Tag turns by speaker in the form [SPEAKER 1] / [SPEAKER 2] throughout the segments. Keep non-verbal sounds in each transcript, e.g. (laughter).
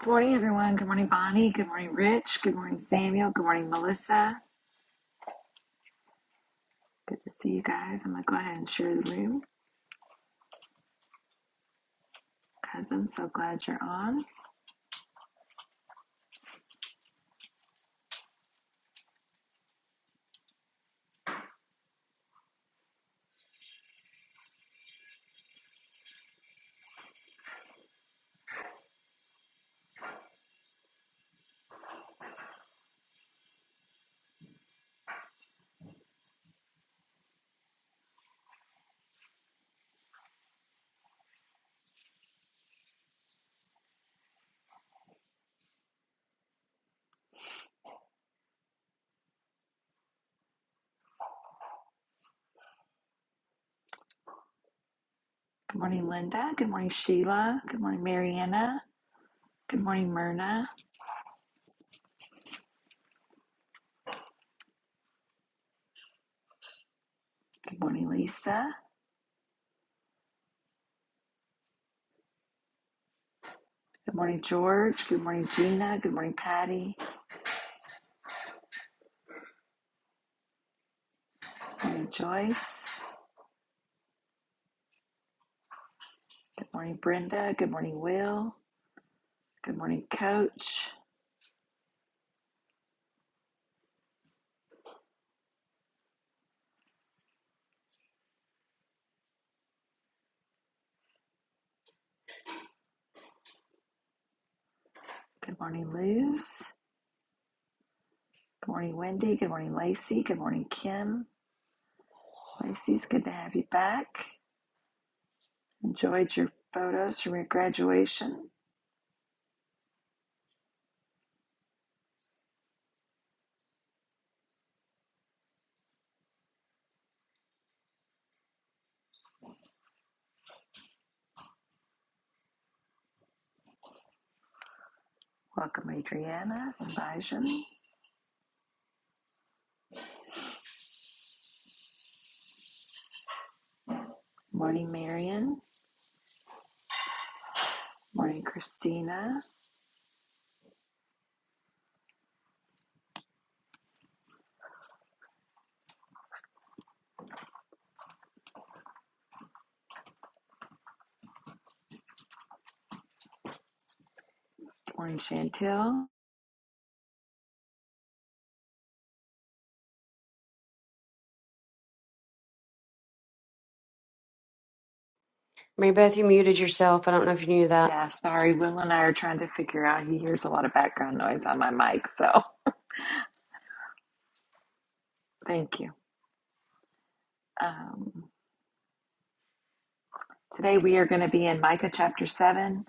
[SPEAKER 1] Good morning, everyone. Good morning, Bonnie. Good morning, Rich. Good morning, Samuel. Good morning, Melissa. Good to see you guys. I'm going to go ahead and share the room because I'm so glad you're on. Good morning, Linda. Good morning, Sheila. Good morning, Mariana. Good morning, Myrna. Good morning, Lisa. Good morning, George. Good morning, Gina. Good morning, Patty. Good morning, Joyce. Good morning, Brenda. Good morning, Will. Good morning, Coach. Good morning, Luz. Good morning, Wendy. Good morning, Lacey. Good morning, Kim. Pisces, good to have you back. Enjoyed your photos from your graduation. Welcome, Adriana and Bijan. Morning, Marion. Morning, Christina. Morning, Chantel.
[SPEAKER 2] Mary Beth, you muted yourself. I don't know if you knew that.
[SPEAKER 1] Yeah, sorry, Will and I are trying to figure out. He hears a lot of background noise on my mic, so (laughs) thank you. Um, today we are going to be in Micah chapter 7,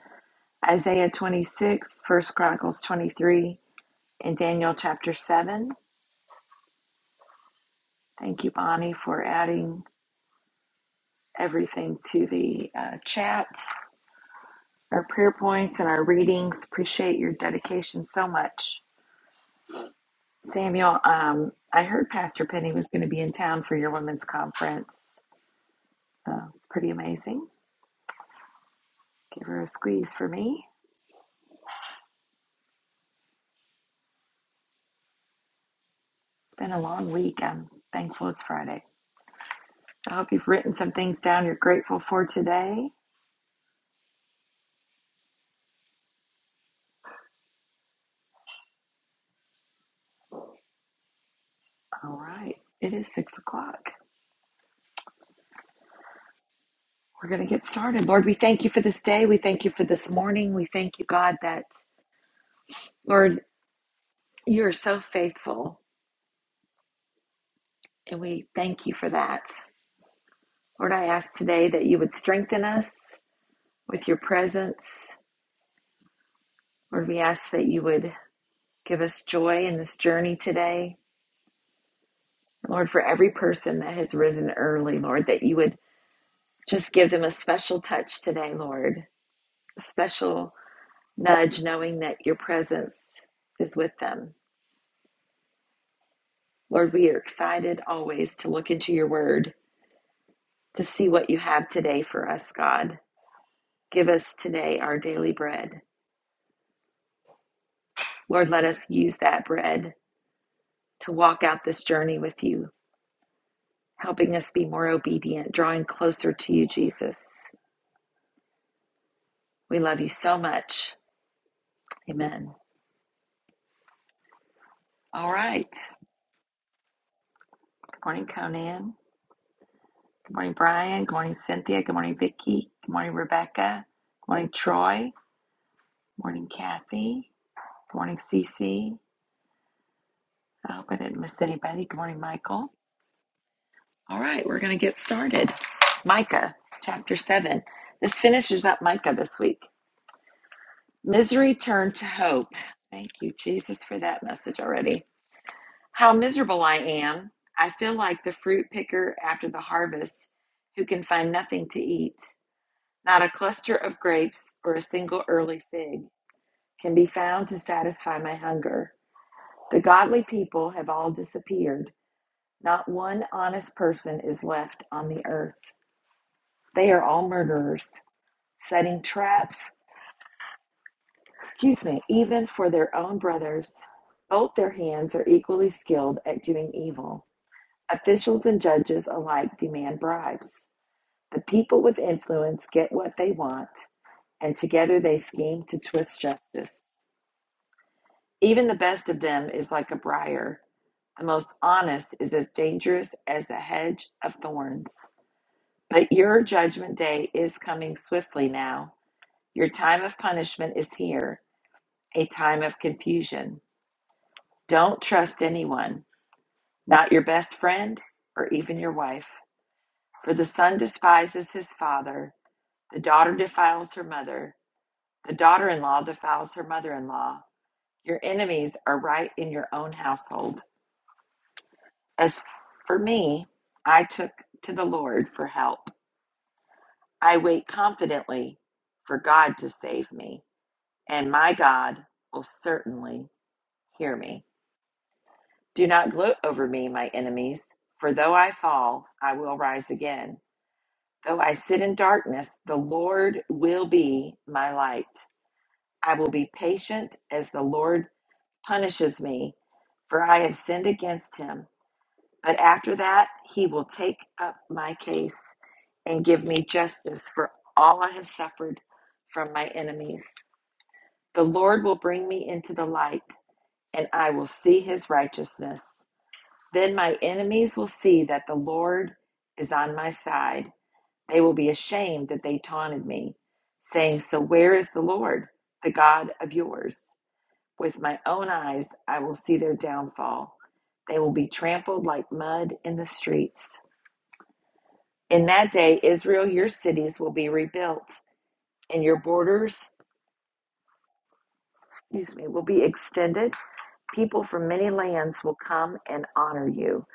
[SPEAKER 1] Isaiah 26, First Chronicles 23, and Daniel chapter 7. Thank you, Bonnie, for adding everything to the uh, chat, our prayer points, and our readings. Appreciate your dedication so much. Samuel, um, I heard Pastor Penny was going to be in town for your women's conference. Uh, it's pretty amazing. Give her a squeeze for me. It's been a long week. I'm thankful it's Friday. I hope you've written some things down you're grateful for today. All right, it is six o'clock. We're going to get started. Lord, we thank you for this day. We thank you for this morning. We thank you, God, that, Lord, you are so faithful And we thank you for that. Lord, I ask today that you would strengthen us with your presence. Lord, we ask that you would give us joy in this journey today. Lord, for every person that has risen early, Lord, that you would just give them a special touch today, Lord, a special nudge, knowing that your presence is with them. Lord, we are excited always to look into your word, to see what you have today for us, God. Give us today our daily bread. Lord, let us use that bread to walk out this journey with you, helping us be more obedient, drawing closer to you, Jesus. We love you so much. Amen. All right. Good morning, Conan. Good morning, Brian. Good morning, Cynthia. Good morning, Vicki. Good morning, Rebecca. Good morning, Troy. Good morning, Kathy. Good morning, Cece. I hope I didn't miss anybody. Good morning, Michael. All right, we're going to get started. Micah chapter 7. This finishes up Micah this week. Misery turned to hope. Thank you, Jesus, for that message already. How miserable I am. I feel like the fruit picker after the harvest who can find nothing to eat. Not a cluster of grapes or a single early fig can be found to satisfy my hunger. The godly people have all disappeared. Not one honest person is left on the earth. They are all murderers, setting traps excuse me, even for their own brothers, both their hands are equally skilled at doing evil. Officials and judges alike demand bribes. The people with influence get what they want, and together they scheme to twist justice. Even the best of them is like a briar. The most honest is as dangerous as a hedge of thorns. But your judgment day is coming swiftly now. Your time of punishment is here, a time of confusion. Don't trust anyone, not your best friend or even your wife. For the son despises his father, the daughter defiles her mother, the daughter in law defiles her mother in law. Your enemies are right in your own household. As for me, I took to the Lord for help. I wait confidently for God to save me, and my God will certainly hear me. Do not gloat over me, my enemies, for though I fall, I will rise again. Though I sit in darkness, the Lord will be my light. I will be patient as the Lord punishes me, for I have sinned against him. But after that, he will take up my case and give me justice for all I have suffered from my enemies. The Lord will bring me into the light, and I will see his righteousness. Then my enemies will see that the Lord is on my side. They will be ashamed that they taunted me, saying, So where is the Lord, the God of yours? With my own eyes, I will see their downfall. They will be trampled like mud in the streets. In that day, Israel, your cities will be rebuilt, and your borders, excuse me, will be extended. People from many lands will come and honor you,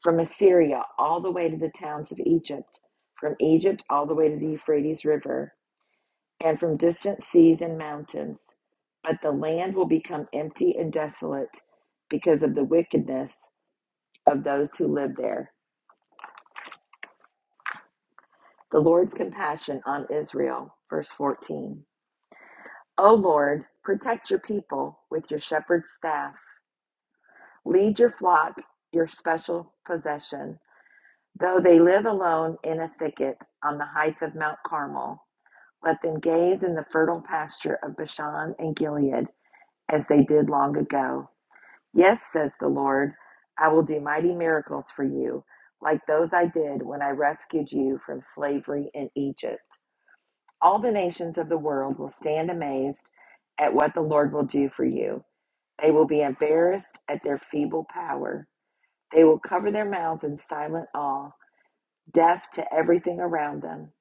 [SPEAKER 1] from Assyria all the way to the towns of Egypt, from Egypt all the way to the Euphrates River. and from distant seas and mountains. But the land will become empty and desolate because of the wickedness of those who live there. The Lord's compassion on Israel. Verse 14. O Lord, protect your people with your shepherd's staff. Lead your flock, your special possession. Though they live alone in a thicket on the heights of Mount Carmel, let them gaze in the fertile pasture of Bashan and Gilead as they did long ago. Yes, says the Lord, I will do mighty miracles for you, like those I did when I rescued you from slavery in Egypt. All the nations of the world will stand amazed at what the Lord will do for you. They will be embarrassed at their feeble power. They will cover their mouths in silent awe, deaf to everything around them.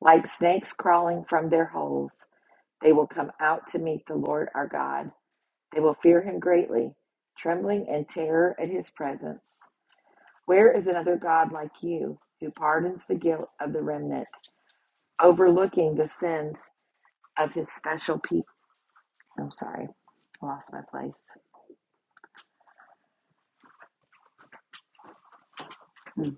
[SPEAKER 1] Like snakes crawling from their holes, they will come out to meet the Lord our God. They will fear him greatly, trembling in terror at his presence. Where is another God like you who pardons the guilt of the remnant, overlooking the sins of his special people? I'm sorry, I lost my place. Hmm,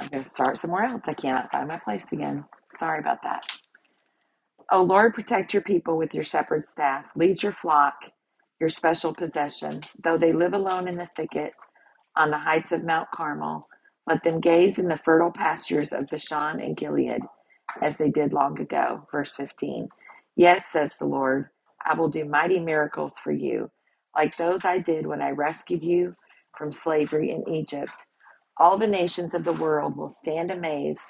[SPEAKER 1] I'm going to start somewhere else. I cannot find my place again. Sorry about that. Oh Lord, protect your people with your shepherd's staff. Lead your flock, your special possession. Though they live alone in the thicket on the heights of Mount Carmel, let them gaze in the fertile pastures of Bashan and Gilead. as they did long ago. Verse 15 Yes, says the Lord, I will do mighty miracles for you, like those I did when I rescued you from slavery in Egypt. All the nations of the world will stand amazed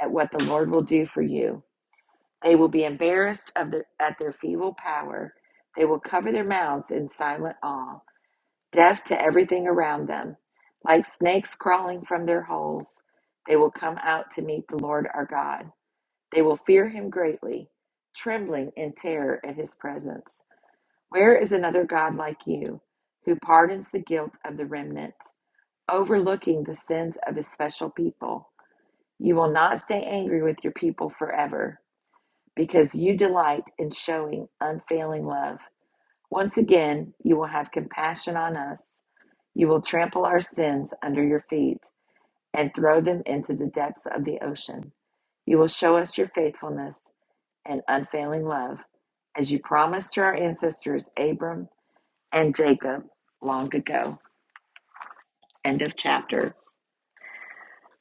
[SPEAKER 1] at what the Lord will do for you. They will be embarrassed of their, at their feeble power. They will cover their mouths in silent awe, deaf to everything around them. Like snakes crawling from their holes, they will come out to meet the Lord our God. They will fear him greatly, trembling in terror at his presence. Where is another God like you, who pardons the guilt of the remnant, overlooking the sins of his special people? You will not stay angry with your people forever, because you delight in showing unfailing love. Once again, you will have compassion on us. You will trample our sins under your feet and throw them into the depths of the ocean. You will show us your faithfulness and unfailing love, as you promised to our ancestors Abram and Jacob long ago. End of chapter.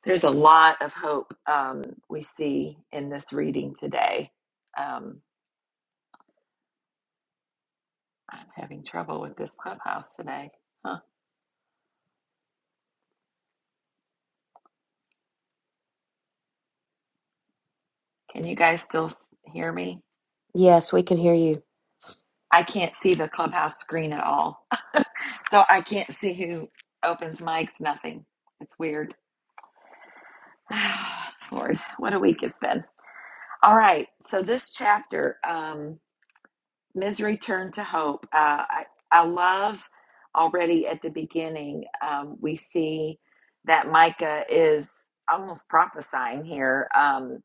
[SPEAKER 1] There's a lot of hope um, we see in this reading today. Um, I'm having trouble with this clubhouse today. Huh. Can you guys still hear me?
[SPEAKER 2] Yes, we can hear you.
[SPEAKER 1] I can't see the clubhouse screen at all. (laughs) So I can't see who opens mics, nothing. It's weird. (sighs) Lord, what a week it's been. All right. So this chapter, um, misery turned to hope. Uh, I, I love already at the beginning, um, we see that Micah is almost prophesying here. Um,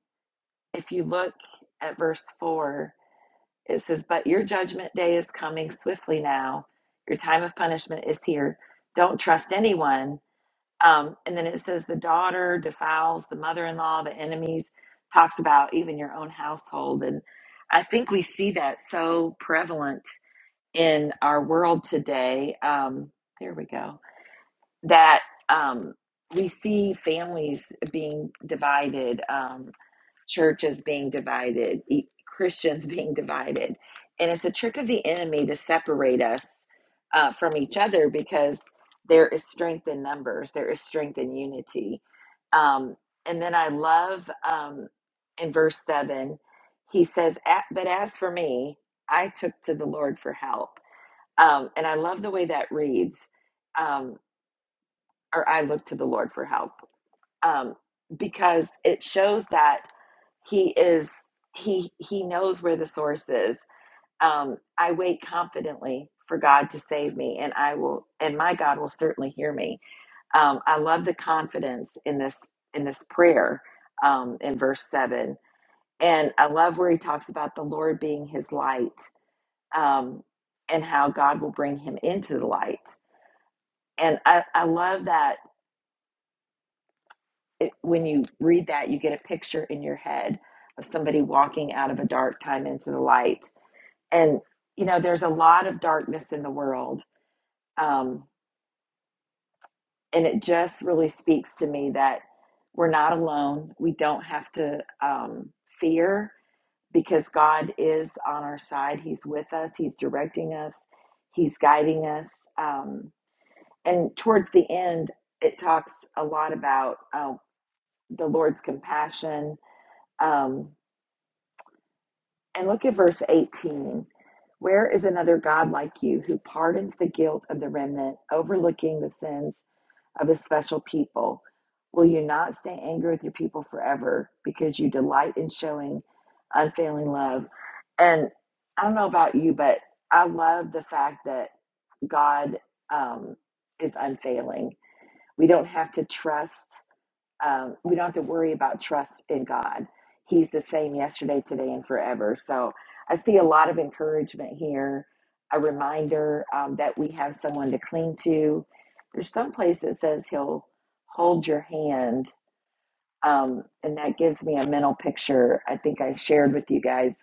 [SPEAKER 1] if you look at verse 4, it says, But your judgment day is coming swiftly now, your time of punishment is here. Don't trust anyone. Um, and then it says, The daughter defiles the mother in law, the enemies, talks about even your own household. And I think we see that so prevalent in our world today. Um, there we go. That um, we see families being divided, um, churches being divided, e- Christians (laughs) being divided. And it's a trick of the enemy to separate us uh, from each other because there is strength in numbers, there is strength in unity. Um, and then I love um, in verse 7, he says, "A- But as for me, I took to the Lord for help um, and I love the way that reads, um, or I look to the Lord for help, um, because it shows that He is He He knows where the source is. Um, I wait confidently for God to save me, and I will, and my God will certainly hear me. Um, I love the confidence in this in this prayer um, in verse seven, and I love where He talks about the Lord being His light um, and how God will bring Him into the light And I, I love that it, when you read that, you get a picture in your head of somebody walking out of a dark time into the light. And, you know, there's a lot of darkness in the world. Um, and it just really speaks to me that we're not alone. We don't have to um, fear because God is on our side. He's with us, He's directing us, He's guiding us. Um, and towards the end, it talks a lot about uh, the Lord's compassion. Um, and look at verse 18. Where is another God like you who pardons the guilt of the remnant, overlooking the sins of a special people? Will you not stay angry with your people forever because you delight in showing unfailing love? And I don't know about you, but I love the fact that God um, is unfailing. We don't have to trust Um, we don't have to worry about trust in God. He's the same yesterday, today, and forever. So I see a lot of encouragement here, a reminder um, that we have someone to cling to. There's some place that says He'll hold your hand, um, and that gives me a mental picture. I think I shared with you guys.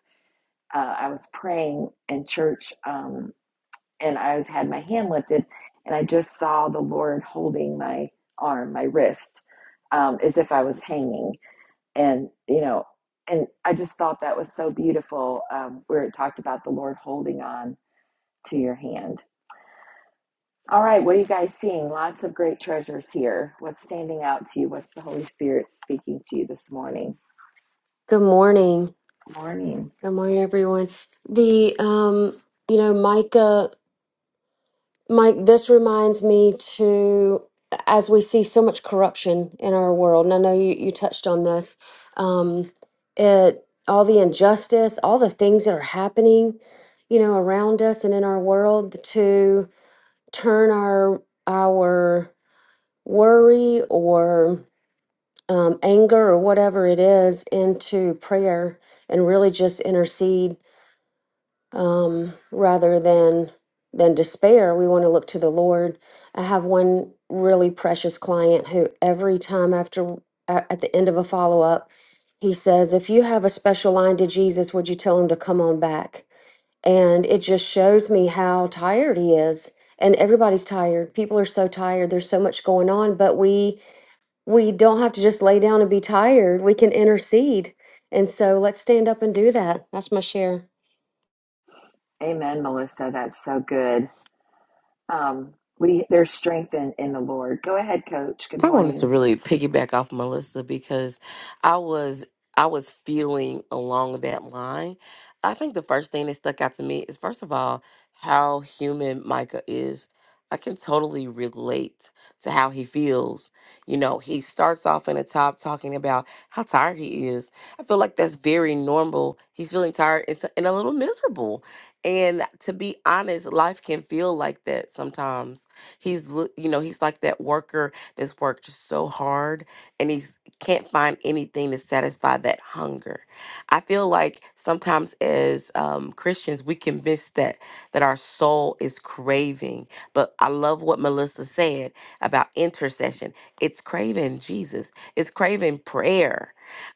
[SPEAKER 1] Uh, I was praying in church, um, and I had my hand lifted, and I just saw the Lord holding my arm, my wrist, um, as if I was hanging and you know and i just thought that was so beautiful um, where it talked about the lord holding on to your hand all right what are you guys seeing lots of great treasures here what's standing out to you what's the holy spirit speaking to you this morning
[SPEAKER 2] Good morning.
[SPEAKER 1] morning
[SPEAKER 2] Good morning, everyone. The um, you know, Micah, Mike, this reminds me to as we see so much corruption in our world, and I know you, you touched on this, um, it all the injustice, all the things that are happening, you know, around us and in our world to turn our our worry or um, anger or whatever it is into prayer and really just intercede um, rather than than despair. We want to look to the Lord. I have one really precious client who every time after at at the end of a follow up, he says, "If you have a special line to Jesus, would you tell him to come on back?" And it just shows me how tired he is. And everybody's tired. People are so tired. There's so much going on, but we we don't have to just lay down and be tired. We can intercede. And so let's stand up and do that. That's my share.
[SPEAKER 1] amen melissa that's so good um, we there's strength in, in the lord go ahead coach good
[SPEAKER 3] I wanted to
[SPEAKER 1] morning
[SPEAKER 3] really piggyback off Melissa because I was I was feeling along that line. I think the first thing that stuck out to me is first of all how human Micah is. I can totally relate to how he feels. You know, he starts off in the top talking about how tired he is. I feel like that's very normal. He's feeling tired and s- and a little miserable. And to be honest, life can feel like that sometimes. He's, l- you know, he's like that worker that's worked so hard and he can't find anything to satisfy that hunger. I feel like sometimes as um, Christians, we can miss that, that our soul is craving. But I love what Melissa said about intercession. It's craving Jesus, it's craving prayer.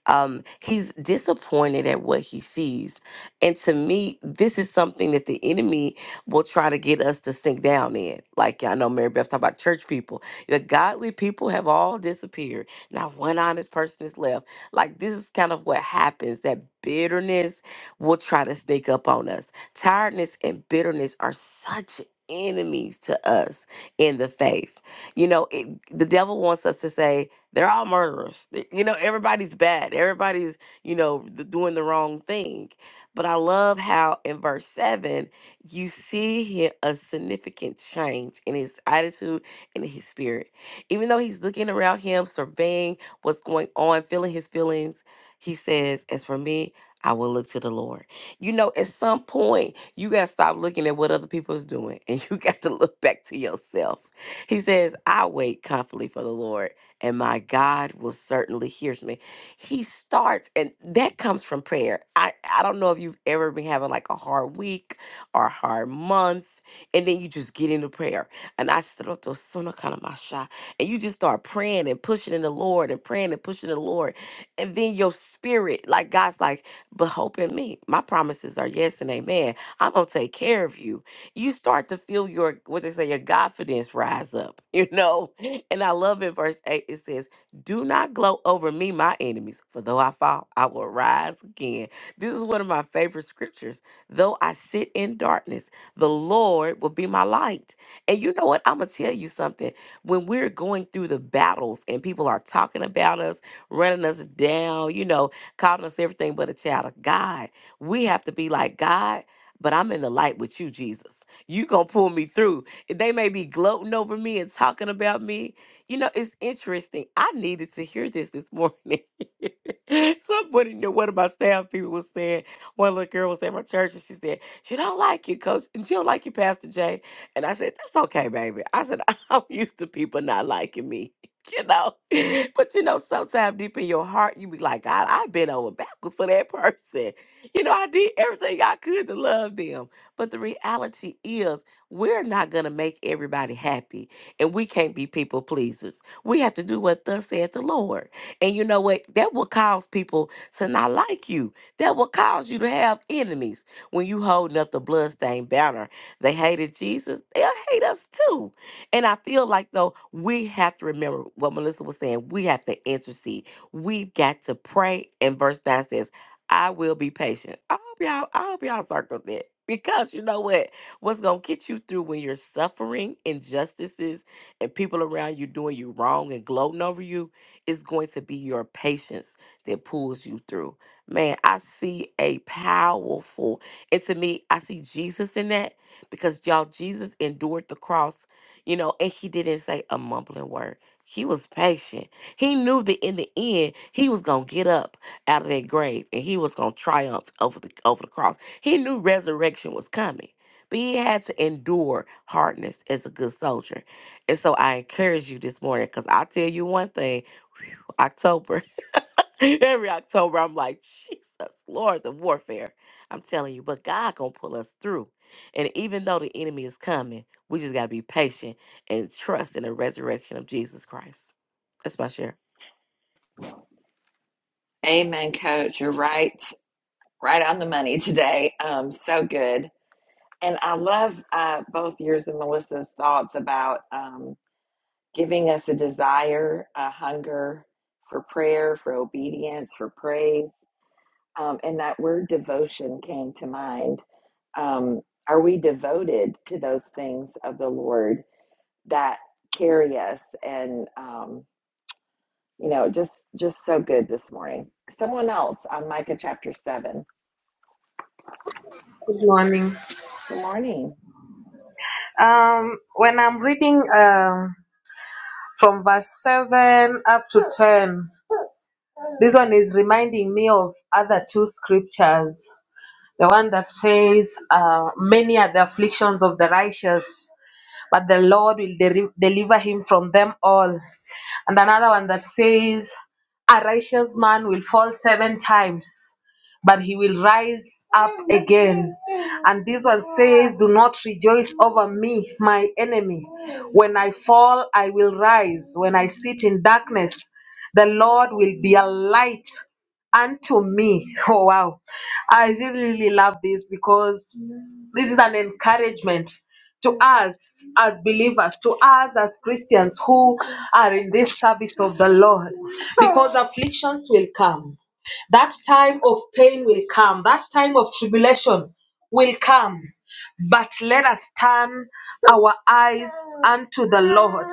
[SPEAKER 3] Um, he's disappointed at what he sees. And to me, this is something that the enemy will try to get us to sink down in. Like I know Mary Beth talked about church people the godly people have all disappeared. Not one honest person is left. Like this is kind of what happens that bitterness will try to sneak up on us. Tiredness and bitterness are such enemies to us in the faith. You know, it, the devil wants us to say they're all murderers. They- You know, everybody's bad. Everybody's, you know, th- doing the wrong thing. But I love how in verse 7 you see here a significant change in his attitude and in his spirit. Even though he's looking around him, surveying what's going on, feeling his feelings, he says, As for me, I will look to the Lord. You know, at some point, you got to stop looking at what other people is doing (laughs) and you got to look back to yourself. He says, I wait confidently for the Lord and my God will certainly hear me. He starts, and that comes from prayer. I, I don't know if you've ever been having like a hard week or a hard month, and then you just get into prayer and I stood up to Sona Kanamasha. And you just start praying and pushing in the Lord and praying and pushing in the Lord. And then your spirit, like God's like, but hope in me. My promises are yes and amen. I'm gonna take care of you. You start to feel your what they say, your confidence rise up, (laughs) you know. And I love in verse 8, it says, Do not gloat over me, my enemies, for though I fall, I will rise again. This is one of my favorite scriptures. Though I sit in darkness, the Lord will be my light. And you know what? I'm going to tell you something. When we're going through the battles and people are talking about us, running us down, you know, calling us everything but a child of God, we have to be like, God, but I'm in the light with you, Jesus. You gonna pull me through. They may be gloating over me and talking about me. You know, it's interesting. I needed to hear this this morning. (laughs) Somebody, knew- one of my staff people was saying, one little girl was at my church and she said, she don't like you, coach, and she don't like you, Pastor Jay. And I said, That's okay, baby. I said, (laughs) I'm used to people not liking me, (laughs) you know. (laughs) But you know, sometimes deep in your heart, you be like, God, I've been over backwards for that (laughs) person. You know, I did everything I could to love them. But the reality is, we're not going to make everybody happy. And we can't be people pleasers. We have to do what thus said the Lord. And you know what? That will cause people to not like you. That will cause you to have enemies when you holding up the bloodstained banner they hated Jesus. They'll hate us too. And I feel like, though, we have to remember what Melissa was saying. We have to intercede. We've got to pray. And verse 9 says, I will be patient. I hope y'all, I hope y'all circled that. Because you know what? What's going to get you through when you're suffering injustices and people around you doing you wrong and gloating over you is going to be your patience that pulls you through. Man, I see a powerful, and to me, I see Jesus in that because y'all Jesus endured the cross, you know, and he didn't say a mumbling word. He was patient. He knew that in the end he was gonna get up out of that grave and he was gonna triumph over the over the cross. He knew resurrection was coming, but he had to endure hardness as a good soldier. And so I encourage you this morning because I tell you one thing, whew, October. (laughs) Every October, I'm like, Jesus, Lord, the warfare. I'm telling you, but God gonna pull us through. And even though the enemy is coming, we just gotta be patient and trust in the resurrection of Jesus Christ. That's my share.
[SPEAKER 1] amen coach you're right right on the money today um, so good And I love uh, both yours and Melissa's thoughts about um, giving us a desire, a hunger for prayer, for obedience, for praise. Um, and that word devotion came to mind. Um, are we devoted to those things of the Lord that carry us? And um, you know, just just so good this morning. Someone else on Micah chapter seven.
[SPEAKER 4] Good morning.
[SPEAKER 1] Good morning.
[SPEAKER 4] Um, when I'm reading um, from verse 7 up to 10, this one is reminding me of other two scriptures. The one that says, uh, Many are the afflictions of the righteous, but the Lord will de- deliver him from them all. and another one that says, A righteous man will fall seven times, but he will rise up again. And this one says, Do not rejoice over me, my enemy. When I fall, I will rise. When I sit in darkness, the Lord will be a light unto me. (laughs) Oh, wow. I really, really love this because this is an encouragement to us as believers, to us as Christians who are in this service of the Lord, because afflictions will come. That time of pain will come. That time of tribulation will come. But let us turn our eyes unto the Lord.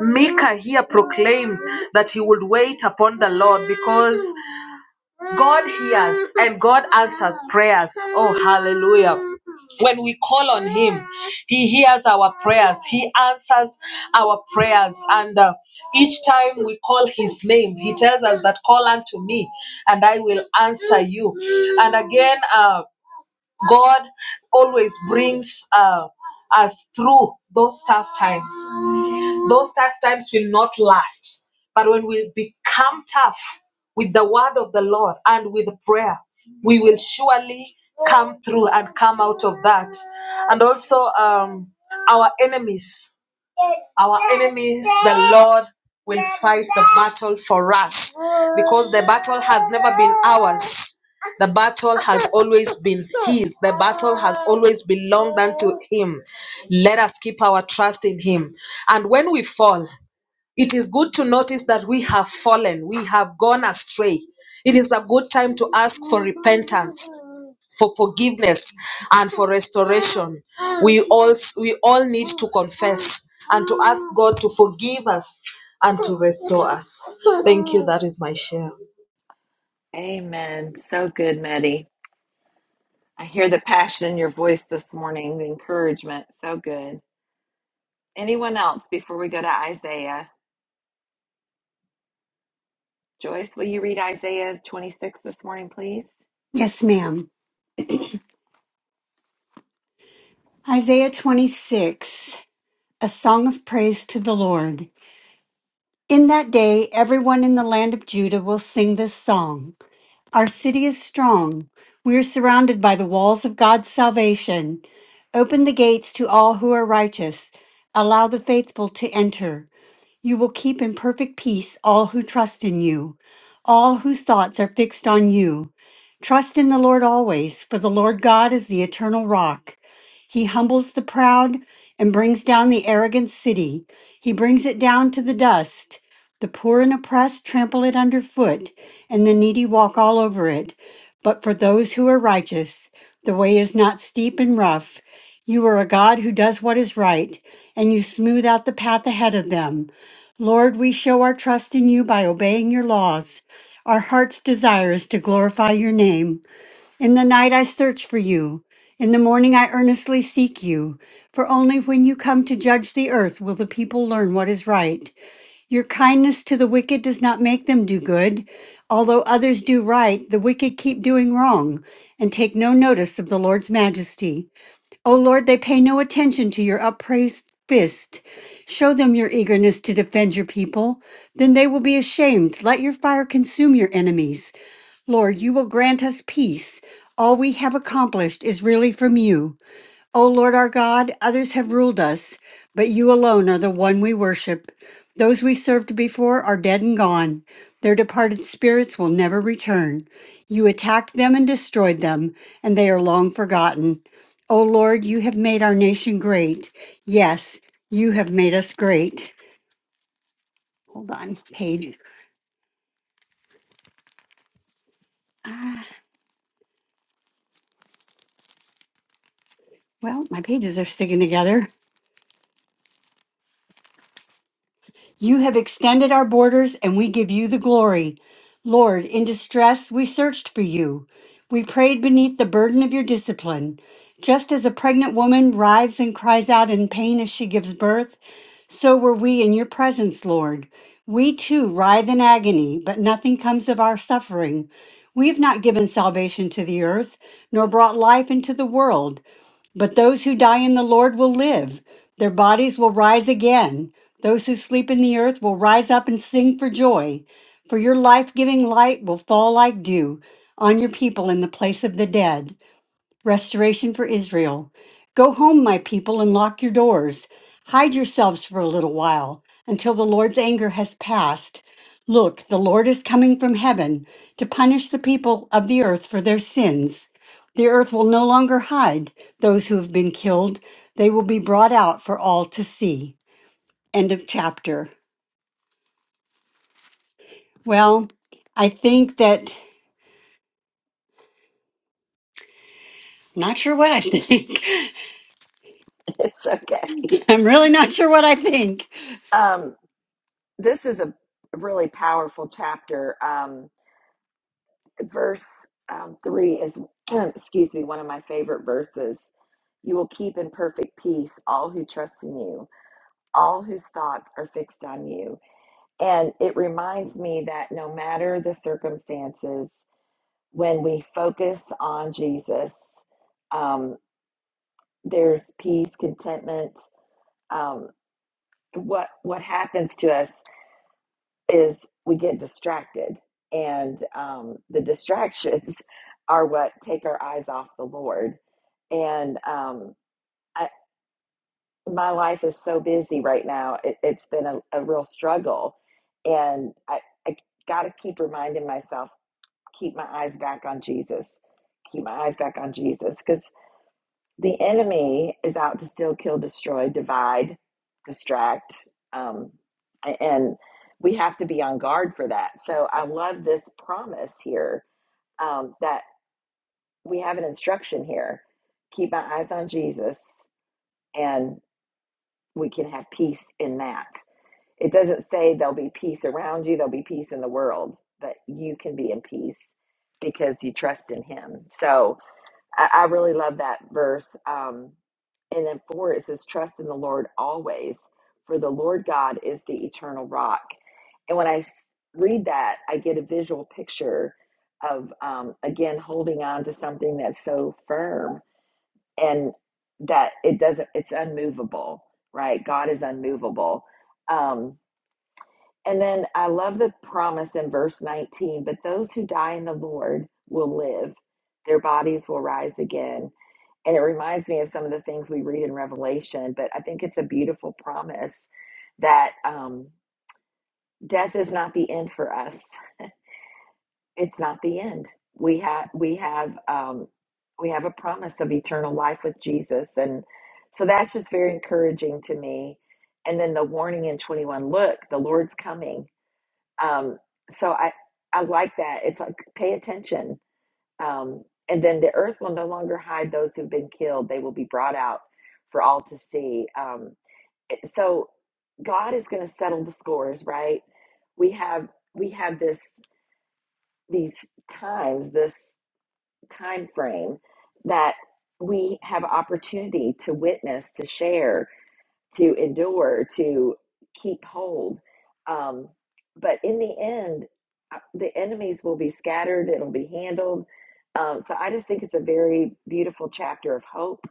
[SPEAKER 4] Micah here proclaimed that he would wait upon the Lord because God hears and God answers prayers. Oh, hallelujah. When we call on Him, He hears our prayers, He answers our prayers. And uh, each time we call His name, He tells us that call unto me and I will answer you. And again, uh, God always brings uh, us through those tough times. Those tough times will not last. But when we become tough with the word of the Lord and with prayer, we will surely come through and come out of that. And also, um, our enemies our enemies, the Lord will fight the battle for us because the battle has never been ours. The battle has always been His. The battle has always belonged unto Him. Let us keep our trust in Him. And when we fall, it is good to notice that we have fallen, we have gone astray. It is a good time to ask for repentance, for forgiveness, and for restoration. We all we all need to confess and to ask God to forgive us and to restore us. Thank you. That is my share.
[SPEAKER 1] Amen. So good, Maddie. I hear the passion in your voice this morning, the encouragement. So good. Anyone else before we go to Isaiah? Joyce, will you read Isaiah 26 this morning, please?
[SPEAKER 5] Yes, ma'am. Isaiah 26, a song of praise to the Lord. In that day, everyone in the land of Judah will sing this song Our city is strong. We are surrounded by the walls of God's salvation. Open the gates to all who are righteous. Allow the faithful to enter. You will keep in perfect peace all who trust in you, all whose thoughts are fixed on you. Trust in the Lord always, for the Lord God is the eternal rock. He humbles the proud and brings down the arrogant city. He brings it down to the dust. The poor and oppressed trample it underfoot, and the needy walk all over it. But for those who are righteous, the way is not steep and rough. You are a God who does what is right, and you smooth out the path ahead of them. Lord, we show our trust in you by obeying your laws. Our heart's desire is to glorify your name. In the night I search for you. In the morning I earnestly seek you. For only when you come to judge the earth will the people learn what is right. Your kindness to the wicked does not make them do good. Although others do right, the wicked keep doing wrong and take no notice of the Lord's majesty. O Lord, they pay no attention to your upraised fist. Show them your eagerness to defend your people. Then they will be ashamed. Let your fire consume your enemies. Lord, you will grant us peace. All we have accomplished is really from you. O Lord our God, others have ruled us, but you alone are the one we worship. Those we served before are dead and gone. Their departed spirits will never return. You attacked them and destroyed them, and they are long forgotten. O Lord, you have made our nation great. Yes, you have made us great. Hold on, page. Ah, well, my pages are sticking together. You have extended our borders, and we give you the glory. Lord, in distress, we searched for you. We prayed beneath the burden of your discipline. Just as a pregnant woman writhes and cries out in pain as she gives birth, so were we in your presence, Lord. We too writhe in agony, but nothing comes of our suffering. We have not given salvation to the earth, nor brought life into the world. But those who die in the Lord will live. Their bodies will rise again. Those who sleep in the earth will rise up and sing for joy. For your life giving light will fall like dew on your people in the place of the dead. Restoration for Israel. Go home, my people, and lock your doors. Hide yourselves for a little while until the Lord's anger has passed. Look, the Lord is coming from heaven to punish the people of the earth for their sins. The earth will no longer hide those who have been killed. They will be brought out for all to see. End of chapter. Well, I think that, not sure what I think.
[SPEAKER 1] (laughs) It's okay.
[SPEAKER 5] (laughs) I'm really not sure what I think.
[SPEAKER 1] Um, this is a really powerful chapter. Um, verse um, three is, (clears throat) excuse me, one of my favorite verses. You will keep in perfect peace all who trust in you, all whose thoughts are fixed on you. And it reminds me that no matter the circumstances, when we focus on Jesus, um, there's peace, contentment. Um, what what happens to us is we get distracted, and um, the distractions (laughs) are what take our eyes off the Lord. And um, I, my life is so busy right now; it, it's been a, a real struggle, and I, I got to keep reminding myself, keep my eyes back on Jesus, keep my eyes back on Jesus, because. The enemy is out to steal, kill, destroy, divide, distract, um, and we have to be on guard for that. So I love this promise here um, that we have an instruction here: keep my eyes on Jesus, and we can have peace in that. It doesn't say there'll be peace around you; there'll be peace in the world, but you can be in peace because you trust in Him. So I, I really love that verse. Um, and then four, it says, Trust in the Lord always, for the Lord God is the eternal rock. And when I s- read that, I get a visual picture of, um, again, holding on to something that's so firm and that it doesn't, it's unmovable, right? God is unmovable. Um, and then I love the promise in verse 19, but those who die in the Lord will live, their bodies will rise again. And it reminds me of some of the things we read in Revelation, but I think it's a beautiful promise that um, death is not the end for us. It's not the end. We have we have um, we have a promise of eternal life with Jesus, and so that's just very encouraging to me. And then the warning in twenty one: Look, the Lord's coming. Um, so I, I like that. It's like pay attention. Um, and then the earth will no longer hide those who've been killed. They will be brought out for all to see. Um, it- so God is going to settle the scores, right? We have we have this these times, this time frame that we have opportunity to witness, to share, to endure, to keep hold. Um, but in the end, uh, the enemies will be scattered, it'll be handled. Um, so I just think it's a very beautiful chapter of hope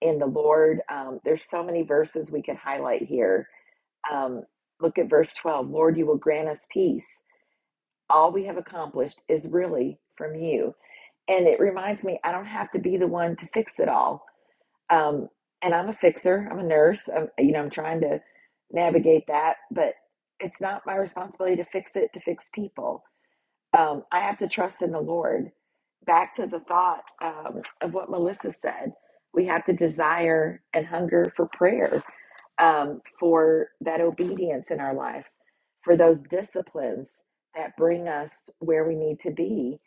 [SPEAKER 1] in the Lord. Um, there's so many verses we could highlight here. Um, look at verse 12 Lord, you will grant us peace. All we have accomplished is really from you. And it reminds me, I don't have to be the one to fix it all. Um, and I'm a fixer. I'm a nurse. I'm, you know, I'm trying to navigate that, but it's not my responsibility to fix it, to fix people. Um, I have to trust in the Lord. Back to the thought um, of what Melissa said, we have to desire and hunger for prayer, um, for that obedience in our life, for those disciplines that bring us where we need to be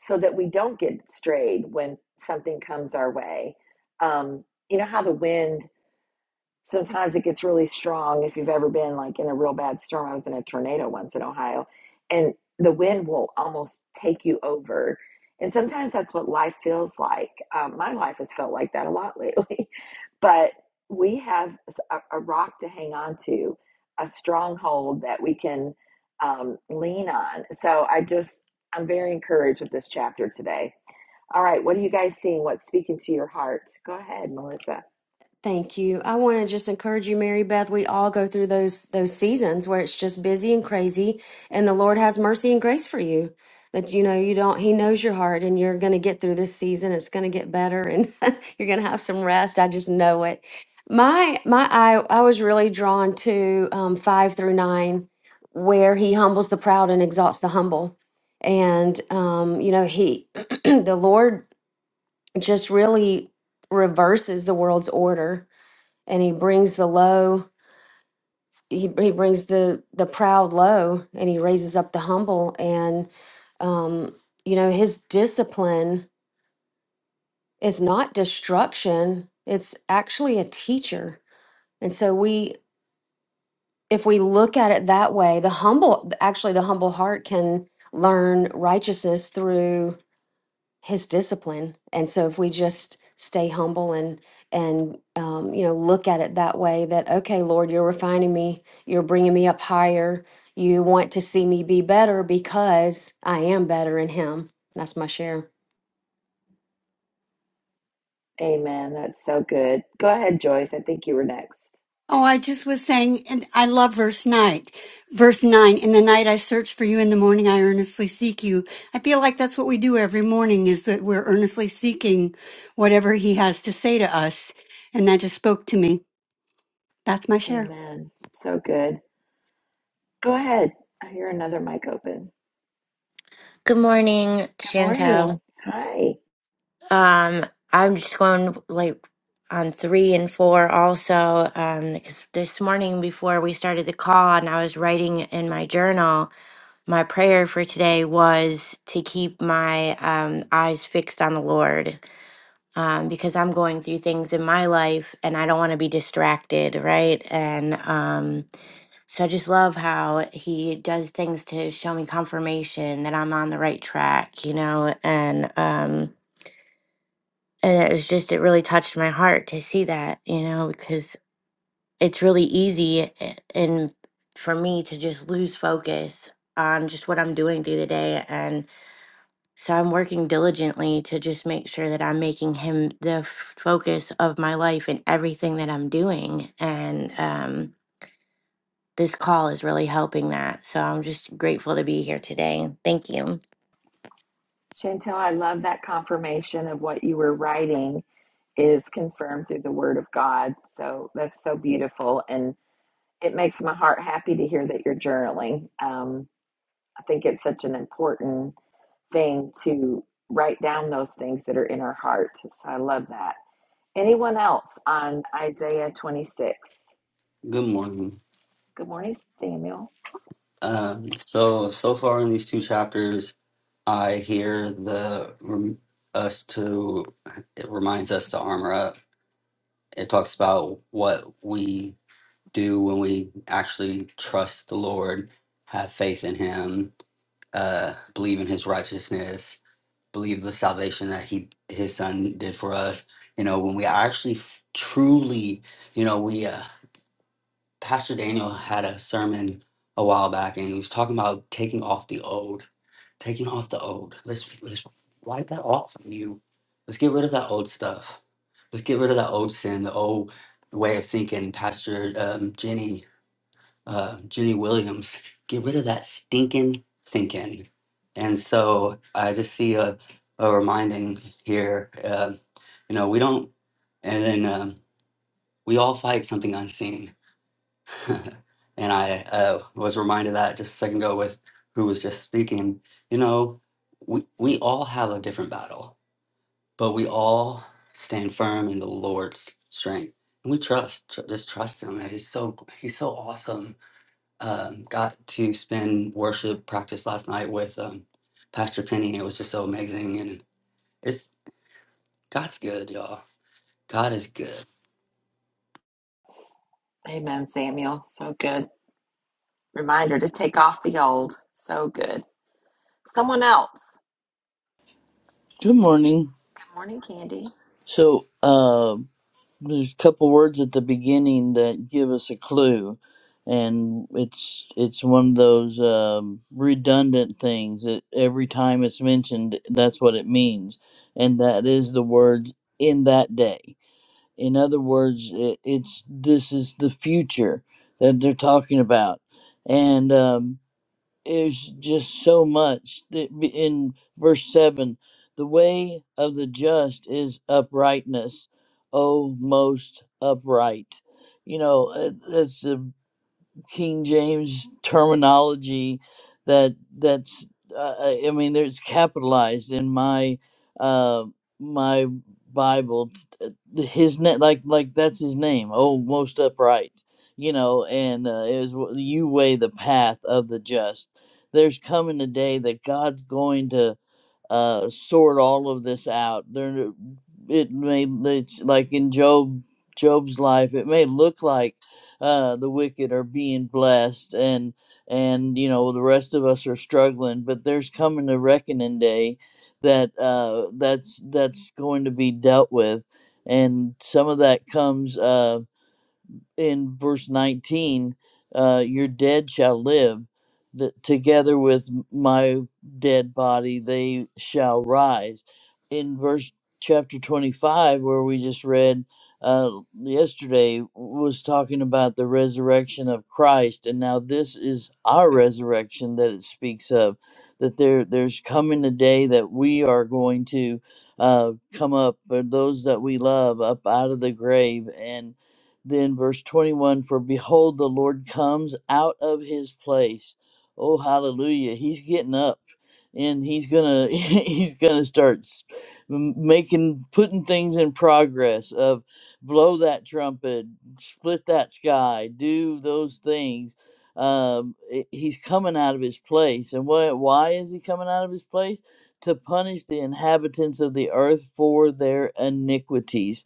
[SPEAKER 1] so that we don't get strayed when something comes our way. Um, you know how the wind sometimes it gets really strong if you've ever been like in a real bad storm i was in a tornado once in ohio and the wind will almost take you over and sometimes that's what life feels like um, my life has felt like that a lot lately (laughs) but we have a a rock to hang on to a stronghold that we can um, lean on so i just i'm very encouraged with this chapter today all right, what are you guys seeing? What's speaking to your heart? Go ahead, Melissa.
[SPEAKER 2] Thank you. I want to just encourage you, Mary Beth. We all go through those those seasons where it's just busy and crazy, and the Lord has mercy and grace for you. That you know you don't. He knows your heart, and you're going to get through this season. It's going to get better, and (laughs) you're going to have some rest. I just know it. My my I I was really drawn to um, five through nine, where He humbles the proud and exalts the humble, and um, you know He, (clears throat) the Lord just really reverses the world's order and he brings the low he, he brings the the proud low and he raises up the humble and um you know his discipline is not destruction it's actually a teacher and so we if we look at it that way the humble actually the humble heart can learn righteousness through. his discipline and so if we just stay humble and and um, you know look at it that way that okay lord you're refining me you're bringing me up higher you want to see me be better because i am better in him that's my share
[SPEAKER 1] Amen. That's so good. Go ahead, Joyce. I think you were next.
[SPEAKER 5] Oh, I just was saying, and I love verse 9. Verse 9, in the night I search for you, in the morning I earnestly seek you. I feel like that's what we do every morning is that we're earnestly seeking whatever he has to say to us. And that just spoke to me. That's my share.
[SPEAKER 1] Amen. So good. Go ahead. I hear another mic open.
[SPEAKER 6] Good morning,
[SPEAKER 1] Good morning.
[SPEAKER 6] Chantel.
[SPEAKER 1] Hi.
[SPEAKER 6] Um, I'm just going like on three and four also. Um, because this morning before we started the call and I was writing in my journal, my prayer for today was to keep my um eyes fixed on the Lord. Um, because I'm going through things in my life and I don't want to be distracted, right? And um so I just love how he does things to show me confirmation that I'm on the right track, you know, and um and it was just it really touched my heart to see that, you know, because it's really easy a- and for me to just lose focus on just what I'm doing through the day and so I'm working diligently to just make sure that I'm making him the f- focus of my life and everything that I'm doing and um this call is really helping that. So I'm just grateful to be here today. Thank you.
[SPEAKER 1] Chantel, I love that confirmation of what you were writing is confirmed through the word of God. So that's so beautiful. And it makes my heart happy to hear that you're journaling. Um, I think it's such an important thing to write down those things that are in our heart. So I love that. Anyone else on Isaiah 26?
[SPEAKER 7] Good morning.
[SPEAKER 1] Good morning, Samuel.
[SPEAKER 7] Um, so so far in these two chapters, I hear the rem, us to it reminds us to armor up. It talks about what we do when we actually trust the Lord, have faith in Him, uh, believe in His righteousness, believe the salvation that He His Son did for us. You know, when we actually f- truly, you know, we. uh, Pastor Daniel had a sermon a while back, and he was talking about taking off the old, taking off the old. Let's let's wipe that off from you. Let's get rid of that old stuff. Let's get rid of that old sin, the old way of thinking. Pastor um, Jenny uh, Jenny Williams, get rid of that stinking thinking. And so I just see a a reminding here. Uh, you know, we don't, and then um, we all fight something unseen (laughs) and I uh, was reminded of that just a second ago with who was just speaking. You know, we we all have a different battle, but we all stand firm in the Lord's strength, and we trust. Tr- just trust Him. And He's so He's so awesome. Um, got to spend worship practice last night with um, Pastor Penny. It was just so amazing, and it's God's good, y'all. God is good.
[SPEAKER 1] Amen, Samuel. So good. Reminder to take off the old. So good. Someone else.
[SPEAKER 8] Good morning.
[SPEAKER 1] Good morning, Candy.
[SPEAKER 8] So, uh, there's a couple words at the beginning that give us a clue, and it's it's one of those um, redundant things that every time it's mentioned, that's what it means, and that is the words "in that day." In other words, it, it's this is the future that they're talking about, and um, there's just so much that be- in verse 7 the way of the just is uprightness, O most upright. You know, uh, that's a King James terminology that that's uh, uh, I mean there's capitalized in my uh my Bible t- uh, his name like like that's his name oh most upright you know and uh, it was you weigh the path of the just there's coming a day that God's going to uh, sort all of this out. There, it may it's like in Job, Job's life, it may look like uh, the wicked are being blessed, and and you know the rest of us are struggling. But there's coming a reckoning day that uh, that's that's going to be dealt with, and some of that comes. Uh, in verse 19 uh, your dead shall live that together with my dead body they shall rise in verse chapter 25 where we just read uh, yesterday was talking about the resurrection of christ and now this is our resurrection that it speaks of that there there's coming a day that we are going to uh, come up, or those that we love up out of the grave, and. Then, verse 21 For behold, the Lord comes out of his place. Oh, hallelujah. He's getting up and he's gonna (laughs) he's gonna start s- m- making putting things in progress of blow that trumpet split that sky do those things um i- he's coming out of his place and what why is he coming out of his place to punish the inhabitants of the earth for their iniquities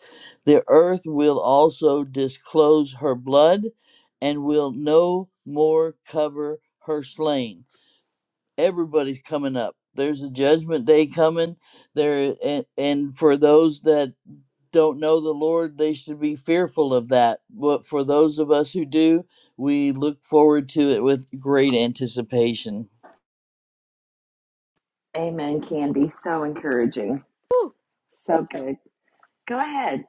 [SPEAKER 8] the earth will also disclose her blood and will no more cover her slain. Everybody's coming up. There's a judgment day coming. There and, and for those that don't know the Lord, they should be fearful of that. But for those of us who do, we look forward to it with great anticipation.
[SPEAKER 1] Amen, Candy. So encouraging.
[SPEAKER 3] Woo.
[SPEAKER 1] So good. Go ahead.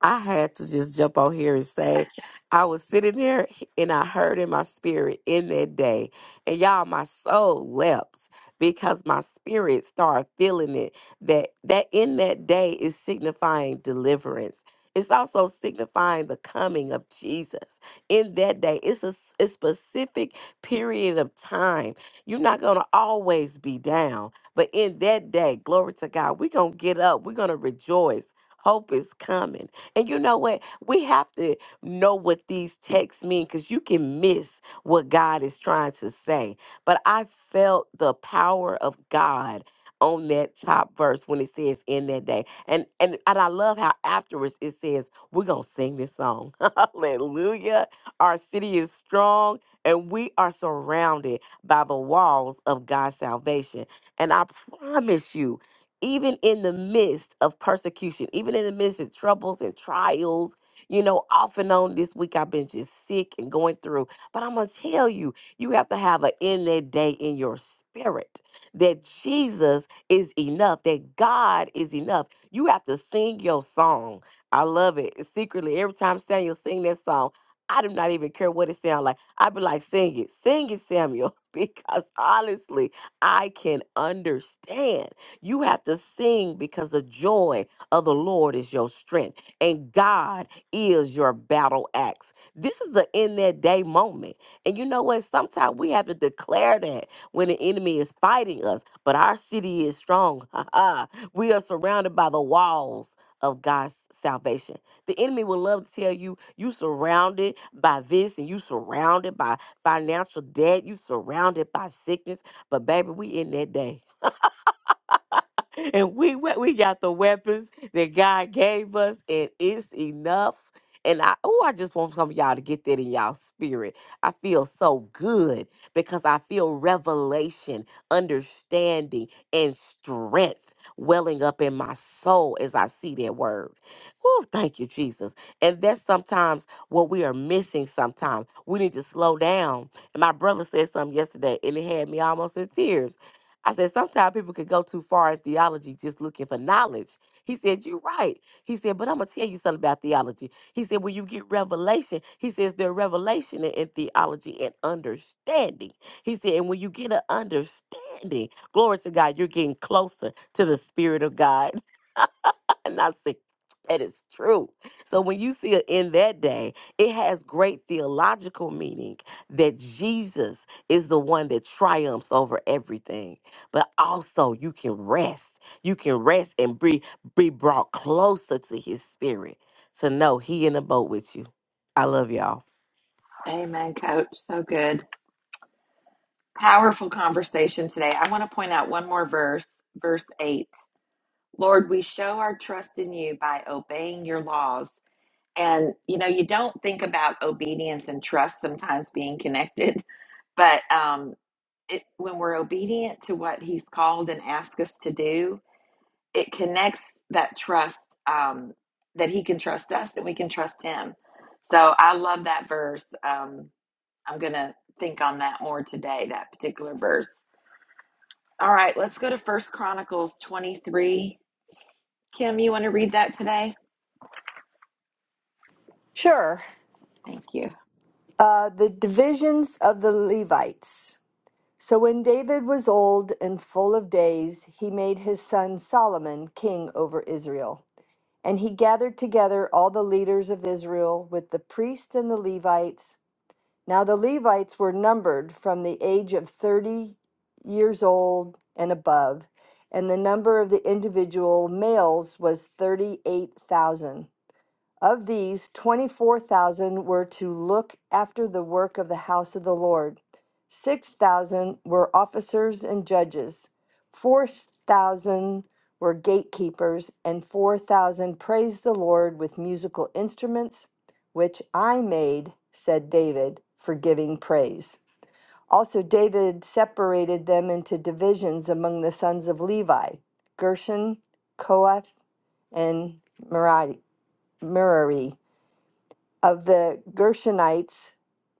[SPEAKER 3] I had to just jump on here and say, I was sitting there and I heard in my spirit in that day, and y'all, my soul leapt because my spirit started feeling it that that in that day is signifying deliverance. It's also signifying the coming of Jesus. In that day, it's a, s- a specific period of time. You're not going to always be down, but in that day, glory to God, we're going to get up. We're going to rejoice. Hope is coming and you know what? We have to know what these texts mean because you can miss what God is trying to say. But I felt the power of God on that top verse when it says in that day. And and and I love how afterwards it says, we're gonna sing this song. (laughs) Hallelujah. Our city is strong and we are surrounded by the walls of God's salvation. And I promise you, even in the midst of persecution, even in the midst of troubles and trials, you know, off and on this week, I've been just sick and going through. But I'm going to tell you, you have to have an in that day in your spirit that Jesus is enough, that God is enough. You have to sing your song. I love it. Secretly, every time Samuel sing that song, I do not even care what it sounds like. I be like, sing it, sing it, Samuel, (laughs) because honestly, I can understand. You have to sing because the joy of the Lord is your strength and God is your battle axe. This is an in that day moment. And you know what? Sometimes we have to declare that when the enemy is fighting us, but our city is strong. (laughs) we are surrounded by the walls of God's salvation. The enemy will love to tell you you surrounded by this and you surrounded by financial debt, you surrounded by sickness, but baby, we in that day. (laughs) and we we we got the weapons that God gave us, and it's enough. And I oh, I just want some of y'all to get that in y'all spirit. I feel so good because I feel revelation, understanding, and strength welling up in my soul as I see that word. Oh, thank you, Jesus. And that's sometimes what we are missing sometimes. We need to slow down. And my brother said something yesterday, and it had me almost in tears I said, sometimes people could go too far in theology just looking for knowledge. He said, You're right. He said, But I'm going to tell you something about theology. He said, When you get revelation, he says, There's revelation in, in theology and understanding. He said, And when you get an understanding, glory to God, you're getting closer to the Spirit of God. (laughs) and I said, that is true. So when you see it in that day, it has great theological meaning that Jesus is the one that triumphs over everything. But also you can rest. You can rest and be, be brought closer to his spirit to know he in the boat with you. I love y'all.
[SPEAKER 1] Amen, Coach. So good. Powerful conversation today. I want to point out one more verse, verse 8. Lord, we show our trust in you by obeying your laws. And, you know, you don't think about obedience and trust sometimes being connected, (laughs) but um, it, when we're obedient to what he's called and asked us to do, it connects that trust um, that he can trust us and we can trust him. So I love that verse. Um, I'm gonna think on that more today. That particular verse. All right, let's go to First Chronicles 23. Kim, you want to read that today?
[SPEAKER 9] Sure.
[SPEAKER 1] Thank you.
[SPEAKER 9] Uh, the divisions of the Levites. So when David was old and full of days, he made his son Solomon king over Israel. And he gathered together all the leaders of Israel with the priests and the Levites. Now the Levites were numbered from the age of 30 years old and above, and the number of the individual males was 38,000. Of these, 24,000 were to look after the work of the house of the Lord. 6,000 were officers and judges. 4,000 were gatekeepers, and 4,000 praised the Lord with musical instruments, which I made, said David, for giving praise. Also, David separated them into divisions among the sons of Levi Gershon, Kohath, and Merari. Merari of the Gershonites,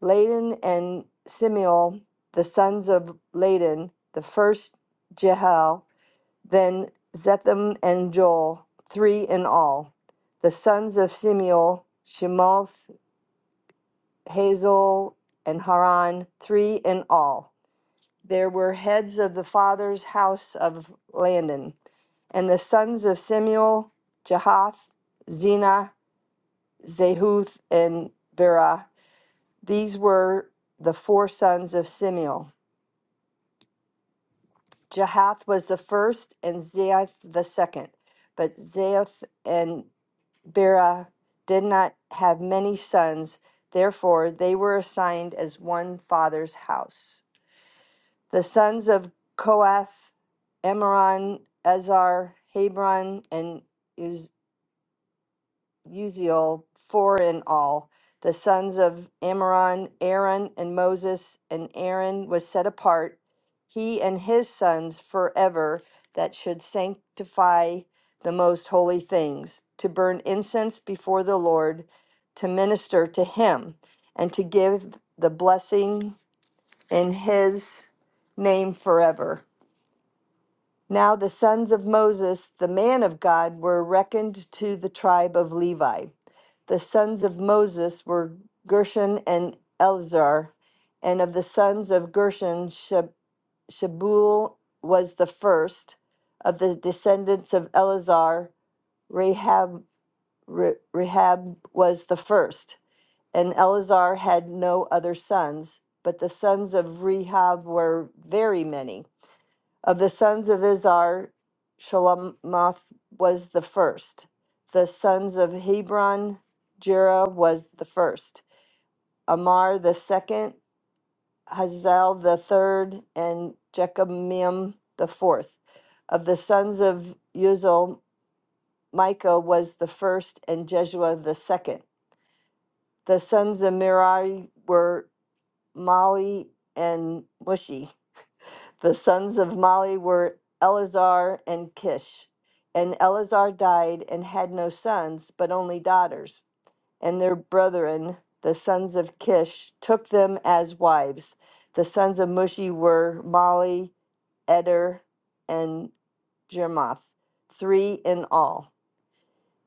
[SPEAKER 9] Laden and Simeon, the sons of Laden, the first Jehel, then Zetham and Joel, three in all. The sons of Simeon, Shemoth, Hazel, and Haran, three in all. There were heads of the father's house of Landon, and the sons of Simeon, Jehath, Zena, Zehuth, and Berah These were the four sons of Simeon. Jahath was the first, and Zaeth the second. But Zaeth and Bera did not have many sons, therefore they were assigned as one father's house. The sons of Koath, Amaron, Ezar, Hebron, and Uzziel. Uziel, four in all, the sons of Amram, Aaron, and Moses, and Aaron was set apart, he and his sons forever, that should sanctify the most holy things, to burn incense before the Lord, to minister to him, and to give the blessing in his name forever. Now the sons of Moses, the man of God, were reckoned to the tribe of Levi. The sons of Moses were Gershon and Eleazar, and of the sons of Gershon, Shab- Shabuel was the first. Of the descendants of Eleazar, Rahab, Re- Rahab was the first. And Eleazar had no other sons, but the sons of Rehab were very many. Of the sons of Izhar, Shalamoth was the first. The sons of Hebron, Jera was the first. Amar the second, Hazael the third, and Jechamim the fourth. Of the sons of Uzal, Micah was the first, and Jeshua the second. The sons of Merari were Mali and Mushi. The sons of Mali were Eleazar and Kish. And Eleazar died and had no sons, but only daughters. And their brethren, the sons of Kish, took them as wives. The sons of Mushi were Mali, Eder, and Jermoth, three in all.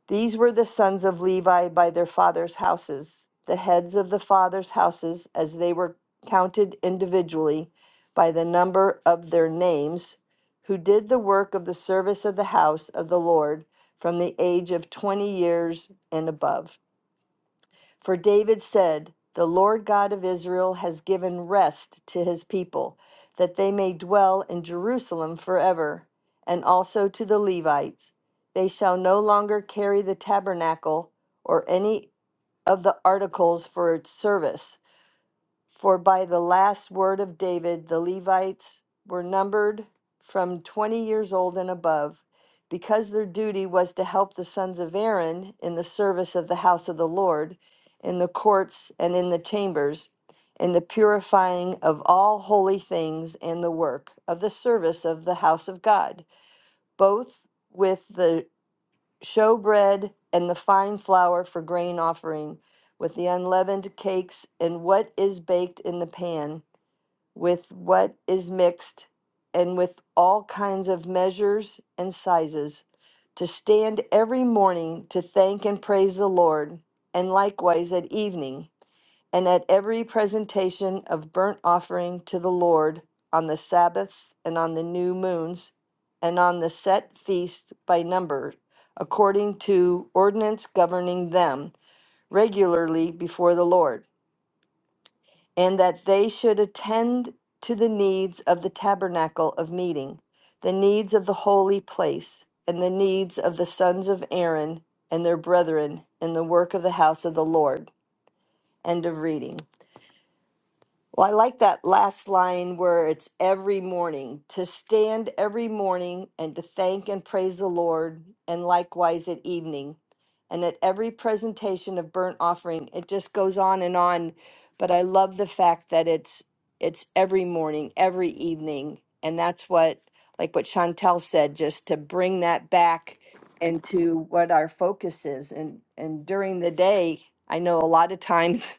[SPEAKER 9] These were the sons of Levi by their fathers' houses. The heads of the fathers' houses, as they were counted individually by the number of their names, who did the work of the service of the house of the Lord from the age of 20 years and above. For David said, The Lord God of Israel has given rest to his people, that they may dwell in Jerusalem forever, and also to the Levites. They shall no longer carry the tabernacle or any of the articles for its service, for by the last word of David, the Levites were numbered from 20 years old and above, because their duty was to help the sons of Aaron in the service of the house of the Lord, in the courts and in the chambers, in the purifying of all holy things and the work of the service of the house of God, both with the show bread and the fine flour for grain offering with the unleavened cakes and what is baked in the pan with what is mixed and with all kinds of measures and sizes to stand every morning to thank and praise the Lord and likewise at evening and at every presentation of burnt offering to the Lord on the Sabbaths and on the new moons and on the set feasts by number, according to ordinance governing them regularly before the Lord, and that they should attend to the needs of the tabernacle of meeting, the needs of the holy place, and the needs of the sons of Aaron and their brethren in the work of the house of the Lord. End of reading. Well, I like that last line where it's every morning to stand every morning and to thank and praise the Lord, and likewise at evening. And at every presentation of burnt offering, it just goes on and on. But I love the fact that it's it's every morning, every evening, and that's what like what Chantel said, just to bring that back into what our focus is. And and during the day, I know a lot of times (laughs)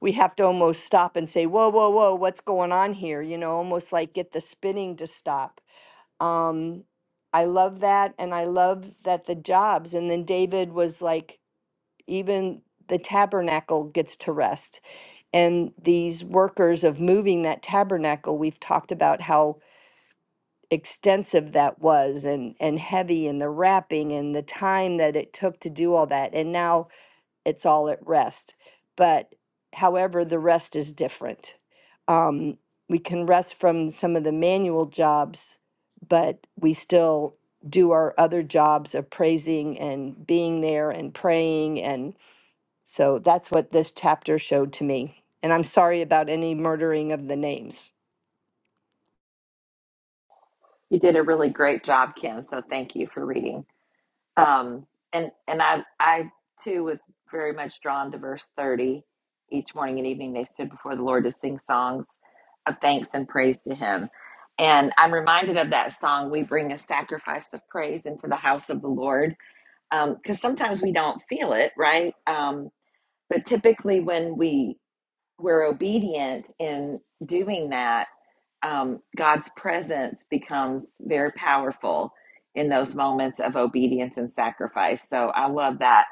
[SPEAKER 9] we have to almost stop and say, whoa, whoa, whoa, what's going on here? You know, almost like get the spinning to stop. Um, I love that. And I love that the jobs, and then David was like, even the tabernacle gets to rest. And these workers of moving that tabernacle, we've talked about how extensive that was and and heavy and the wrapping and the time that it took to do all that and now it's all at rest. But however, the rest is different. Um, we can rest from some of the manual jobs, but we still do our other jobs of praising and being there and praying. And so that's what this chapter showed to me. And I'm sorry about any murdering of the names.
[SPEAKER 1] You did a really great job, Kim. So thank you for reading. Um, and and I I too was very much drawn to verse thirty. Each morning and evening they stood before the Lord to sing songs of thanks and praise to Him. And I'm reminded of that song, "We bring a sacrifice of praise into the house of the Lord," because sometimes we don't feel it, right? Um, but typically, when we we're obedient in doing that um, God's presence becomes very powerful in those moments of obedience and sacrifice. So I love that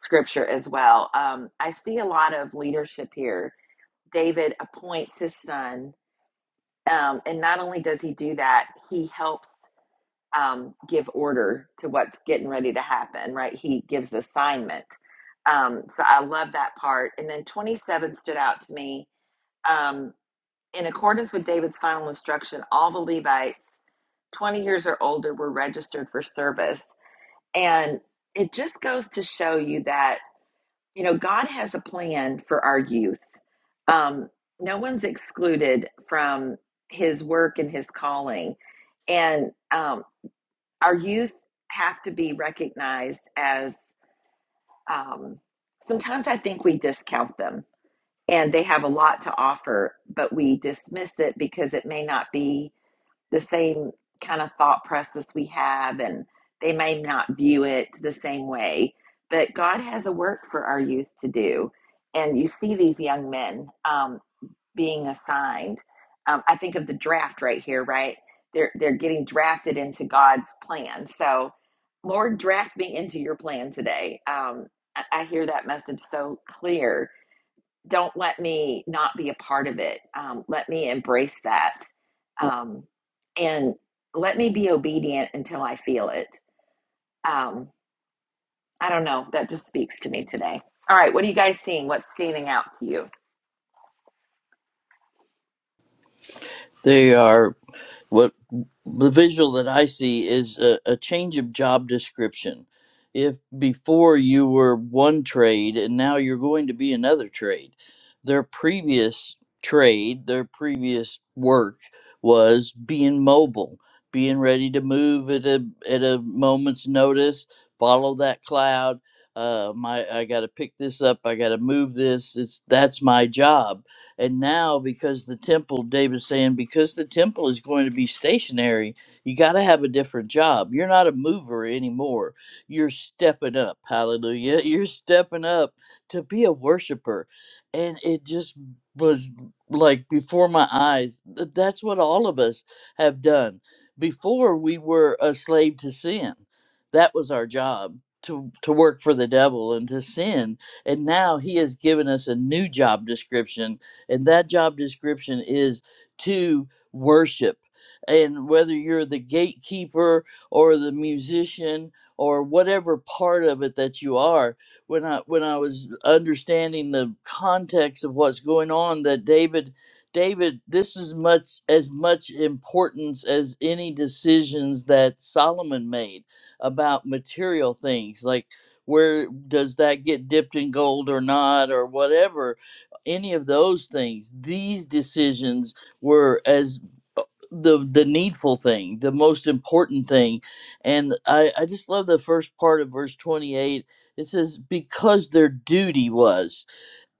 [SPEAKER 1] scripture as well. Um, I see a lot of leadership here. David appoints his son, um, and not only does he do that, he helps um, give order to what's getting ready to happen, right? He gives assignment. Um, so I love that part. And then 27 stood out to me Um, in accordance with David's final instruction, all the Levites 20 years or older were registered for service. And it just goes to show you that, you know, God has a plan for our youth. Um, no one's excluded from his work and his calling. And um, our youth have to be recognized as um, sometimes I think we discount them and they have a lot to offer, but we dismiss it because it may not be the same kind of thought process we have, and they may not view it the same way. But God has a work for our youth to do. And you see these young men um, being assigned. Um, I think of the draft right here, right? They're, they're getting drafted into God's plan. So, Lord, draft me into your plan today. Um, I, I hear that message so clear don't let me not be a part of it. Um, let me embrace that. Um, and let me be obedient until I feel it. Um, I don't know. That just speaks to me today. All right. What are you guys seeing? What's standing out to you?
[SPEAKER 8] They are, what the visual that I see is a, a change of job description. If before you were one trade and now you're going to be another trade, their previous trade, their previous work was being mobile, being ready to move at a at a moment's notice, follow that cloud. Uh, my I got to pick this up. I got to move this. It's that's my job and now, because the temple, David's saying, because the temple is going to be stationary, you got to have a different job. You're not a mover anymore. You're stepping up. Hallelujah. (laughs) You're stepping up to be a worshiper. And it just was like before my eyes. Th- That's what all of us have done. Before we were a slave to sin, that was our job. To, to work for the devil and to sin. And now he has given us a new job description and that job description is to worship. And whether you're the gatekeeper or the musician or whatever part of it that you are, when I when I was understanding the context of what's going on, that David David, this is much as much importance as any decisions that Solomon made about material things, like where does that get dipped in gold or not, or whatever any of those things. These decisions were as uh, the the needful thing, the most important thing. And I, I just love the first part of verse 28. It says, because their duty was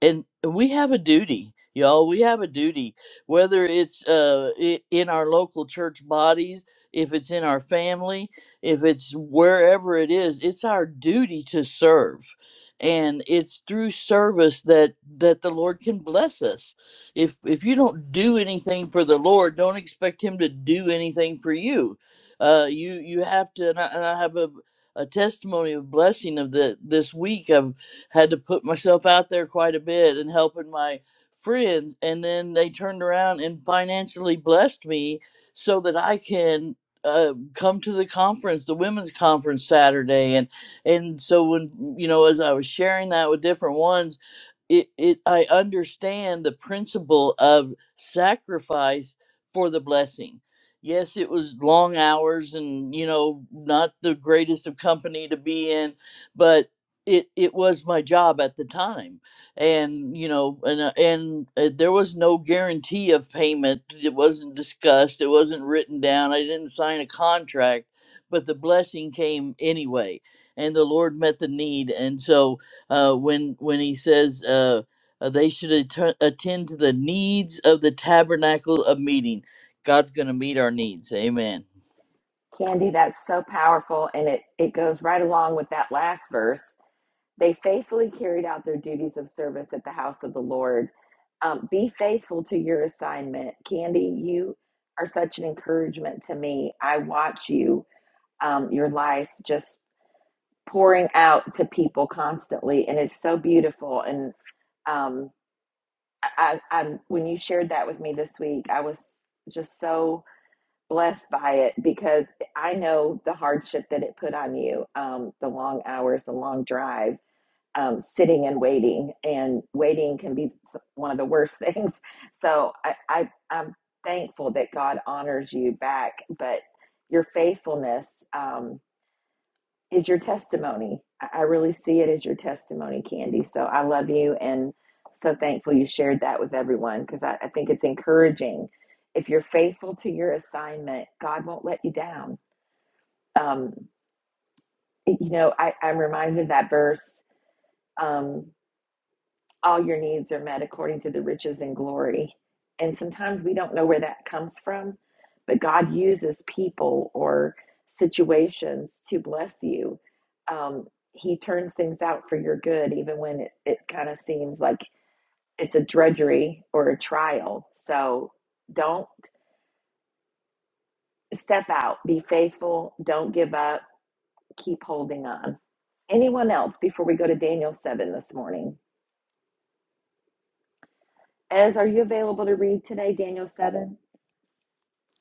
[SPEAKER 8] and and we have a duty y'all we have a duty whether it's uh i- in our local church bodies if it's in our family if it's wherever it is it's our duty to serve and it's through service that that the lord can bless us if if you don't do anything for the lord don't expect him to do anything for you uh you you have to and i, and I have a a testimony of blessing of the this week had to put myself out there quite a bit and helping my friends and then they turned around and financially blessed me so that I can uh, come to the conference, the women's conference Saturday, and and so when you know, as I was sharing that with different ones, it, it i understand the principle of sacrifice for the blessing yes it was long hours and you know not the greatest of company to be in but it it was my job at the time and you know and uh, and uh, there was no guarantee of payment it wasn't discussed it wasn't written down i didn't sign a contract but the blessing came anyway and the lord met the need and so uh, when when he says uh, uh, they should atten- attend to the needs of the tabernacle of meeting. God's going to meet our needs. Amen.
[SPEAKER 1] Candy, that's so powerful. And it, it goes right along with that last verse. They faithfully carried out their duties of service at the house of the Lord. Um, be faithful to your assignment. Candy, you are such an encouragement to me. I watch you um, your life just pouring out to people constantly and it's so beautiful and um, I, I when you shared that with me this week i was just so blessed by it because i know the hardship that it put on you um, the long hours the long drive um, sitting and waiting and waiting can be one of the worst (laughs) things so I, I i'm thankful that god honors you back but your faithfulness. Um, is your testimony. I really see it as your testimony, Candy. So I love you and so thankful you shared that with everyone because I, I think it's encouraging. If you're faithful to your assignment, God won't let you down. Um, you know, I, I'm reminded of that verse. Um, all your needs are met according to the riches and glory. And sometimes we don't know where that comes from, but God uses people or situations to bless you. Um, he turns things out for your good, even when it, it kind of seems like it's a drudgery or a trial. So don't step out, be faithful, don't give up, keep holding on. Anyone else before we go to Daniel 7 this morning? Ez, are you available to read today, Daniel 7?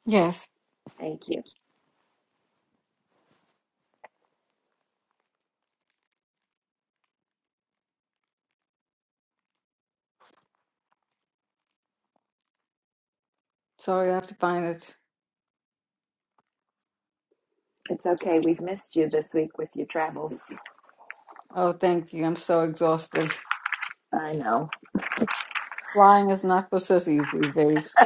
[SPEAKER 10] Yes.
[SPEAKER 1] Thank you.
[SPEAKER 10] Sorry, I have to find it.
[SPEAKER 1] It's okay. We've missed you this week with your travels.
[SPEAKER 10] Oh, thank you. I'm so exhausted.
[SPEAKER 1] I know.
[SPEAKER 10] Flying is not for sissies these days.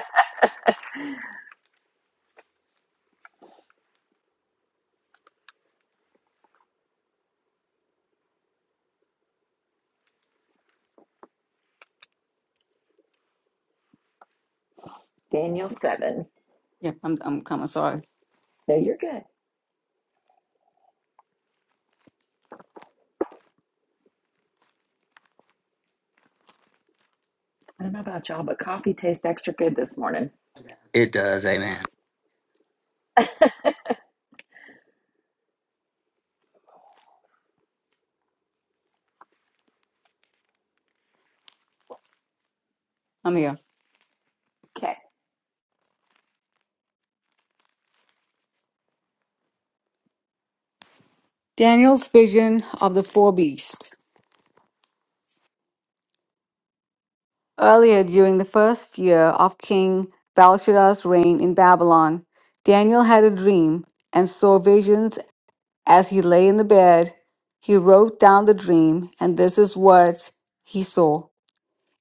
[SPEAKER 1] Daniel 7.
[SPEAKER 10] Yeah, I'm I'm coming. Sorry.
[SPEAKER 1] No, you're good. I don't know about y'all, but coffee tastes extra good this morning.
[SPEAKER 7] It does, Amen.
[SPEAKER 10] I'm here.
[SPEAKER 1] Okay.
[SPEAKER 10] Daniel's vision of the four beasts. Earlier during the first year of King Belshazzar's reign in Babylon, Daniel had a dream and saw visions as he lay in the bed. He wrote down the dream, and this is what he saw.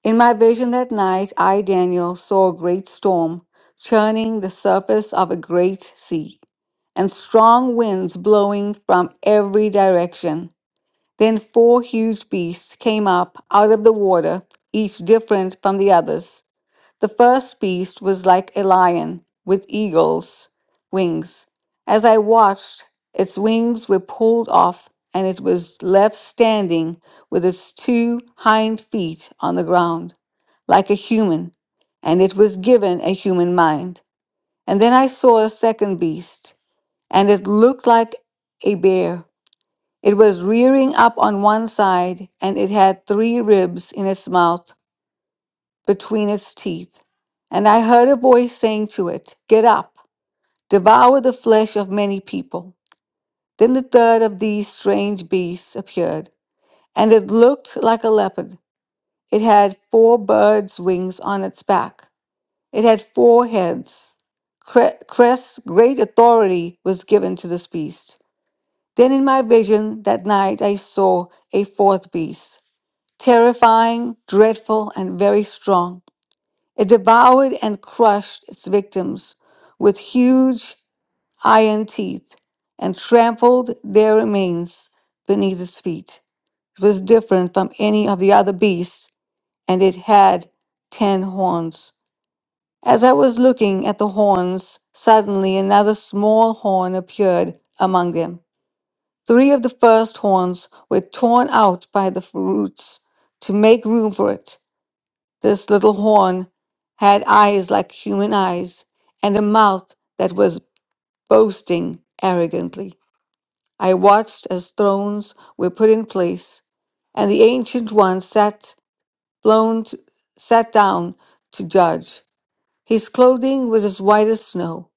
[SPEAKER 10] In my vision that night, I, Daniel, saw a great storm churning the surface of a great sea, and strong winds blowing from every direction. Then four huge beasts came up out of the water, each different from the others. The first beast was like a lion with eagle's wings. As I watched, its wings were pulled off and it was left standing with its two hind feet on the ground, like a human, and it was given a human mind. And then I saw a second beast, and it looked like a bear. It was rearing up on one side, and it had three ribs in its mouth between its teeth. And I heard a voice saying to it, Get up, devour the flesh of many people. Then the third of these strange beasts appeared, and it looked like a leopard. It had four birds' wings on its back. It had four heads. Cre- Crest, great authority was given to this beast. Then in my vision that night I saw a fourth beast, terrifying, dreadful, and very strong. It devoured and crushed its victims with huge iron teeth and trampled their remains beneath its feet. It was different from any of the other beasts, and it had ten horns. As I was looking at the horns, suddenly another small horn appeared among them. Three of the first horns were torn out by the roots to make room for it. This little horn had eyes like human eyes and a mouth that was boasting arrogantly. I watched as thrones were put in place and the ancient one sat blown t- sat down to judge. His clothing was as white as snow,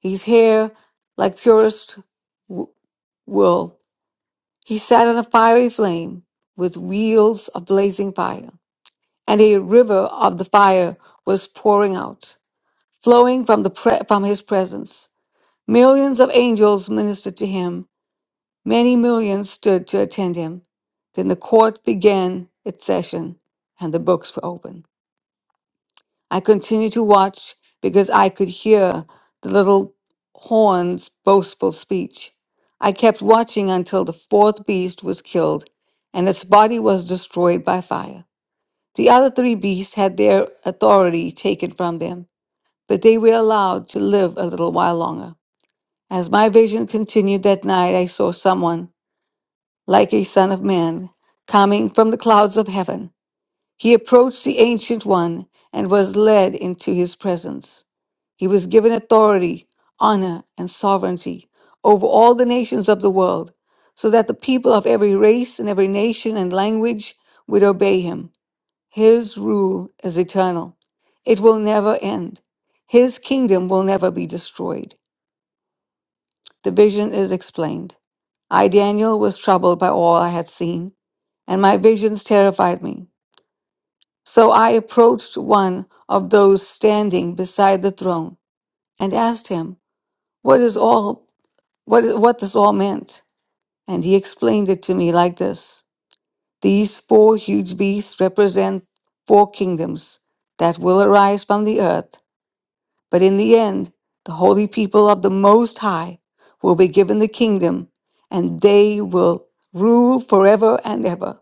[SPEAKER 10] his hair like purest w- wool. He sat on a fiery flame with wheels of blazing fire, and a river of the fire was pouring out. flowing from, the pre- from his presence. Millions of angels ministered to him. Many millions stood to attend him. Then the court began its session and the books were opened. I continued to watch because I could hear the little horn's boastful speech. I kept watching until the fourth beast was killed and its body was destroyed by fire. The other three beasts had their authority taken from them, but they were allowed to live a little while longer. As my vision continued that night, I saw someone, like a son of man, coming from the clouds of heaven. He approached the Ancient One and was led into his presence. He was given authority, honor, and sovereignty over all the nations of the world, so that the people of every race and every nation and language would obey him. His rule is eternal, it will never end. His kingdom will never be destroyed. The vision is explained. I, Daniel, was troubled by all I had seen, and my visions terrified me. So I approached one of those standing beside the throne and asked him, What is all what, is- what this all meant? And he explained it to me like this These four huge beasts represent four kingdoms that will arise from the earth But in the end, the holy people of the Most High will be given the kingdom and they will rule forever and ever.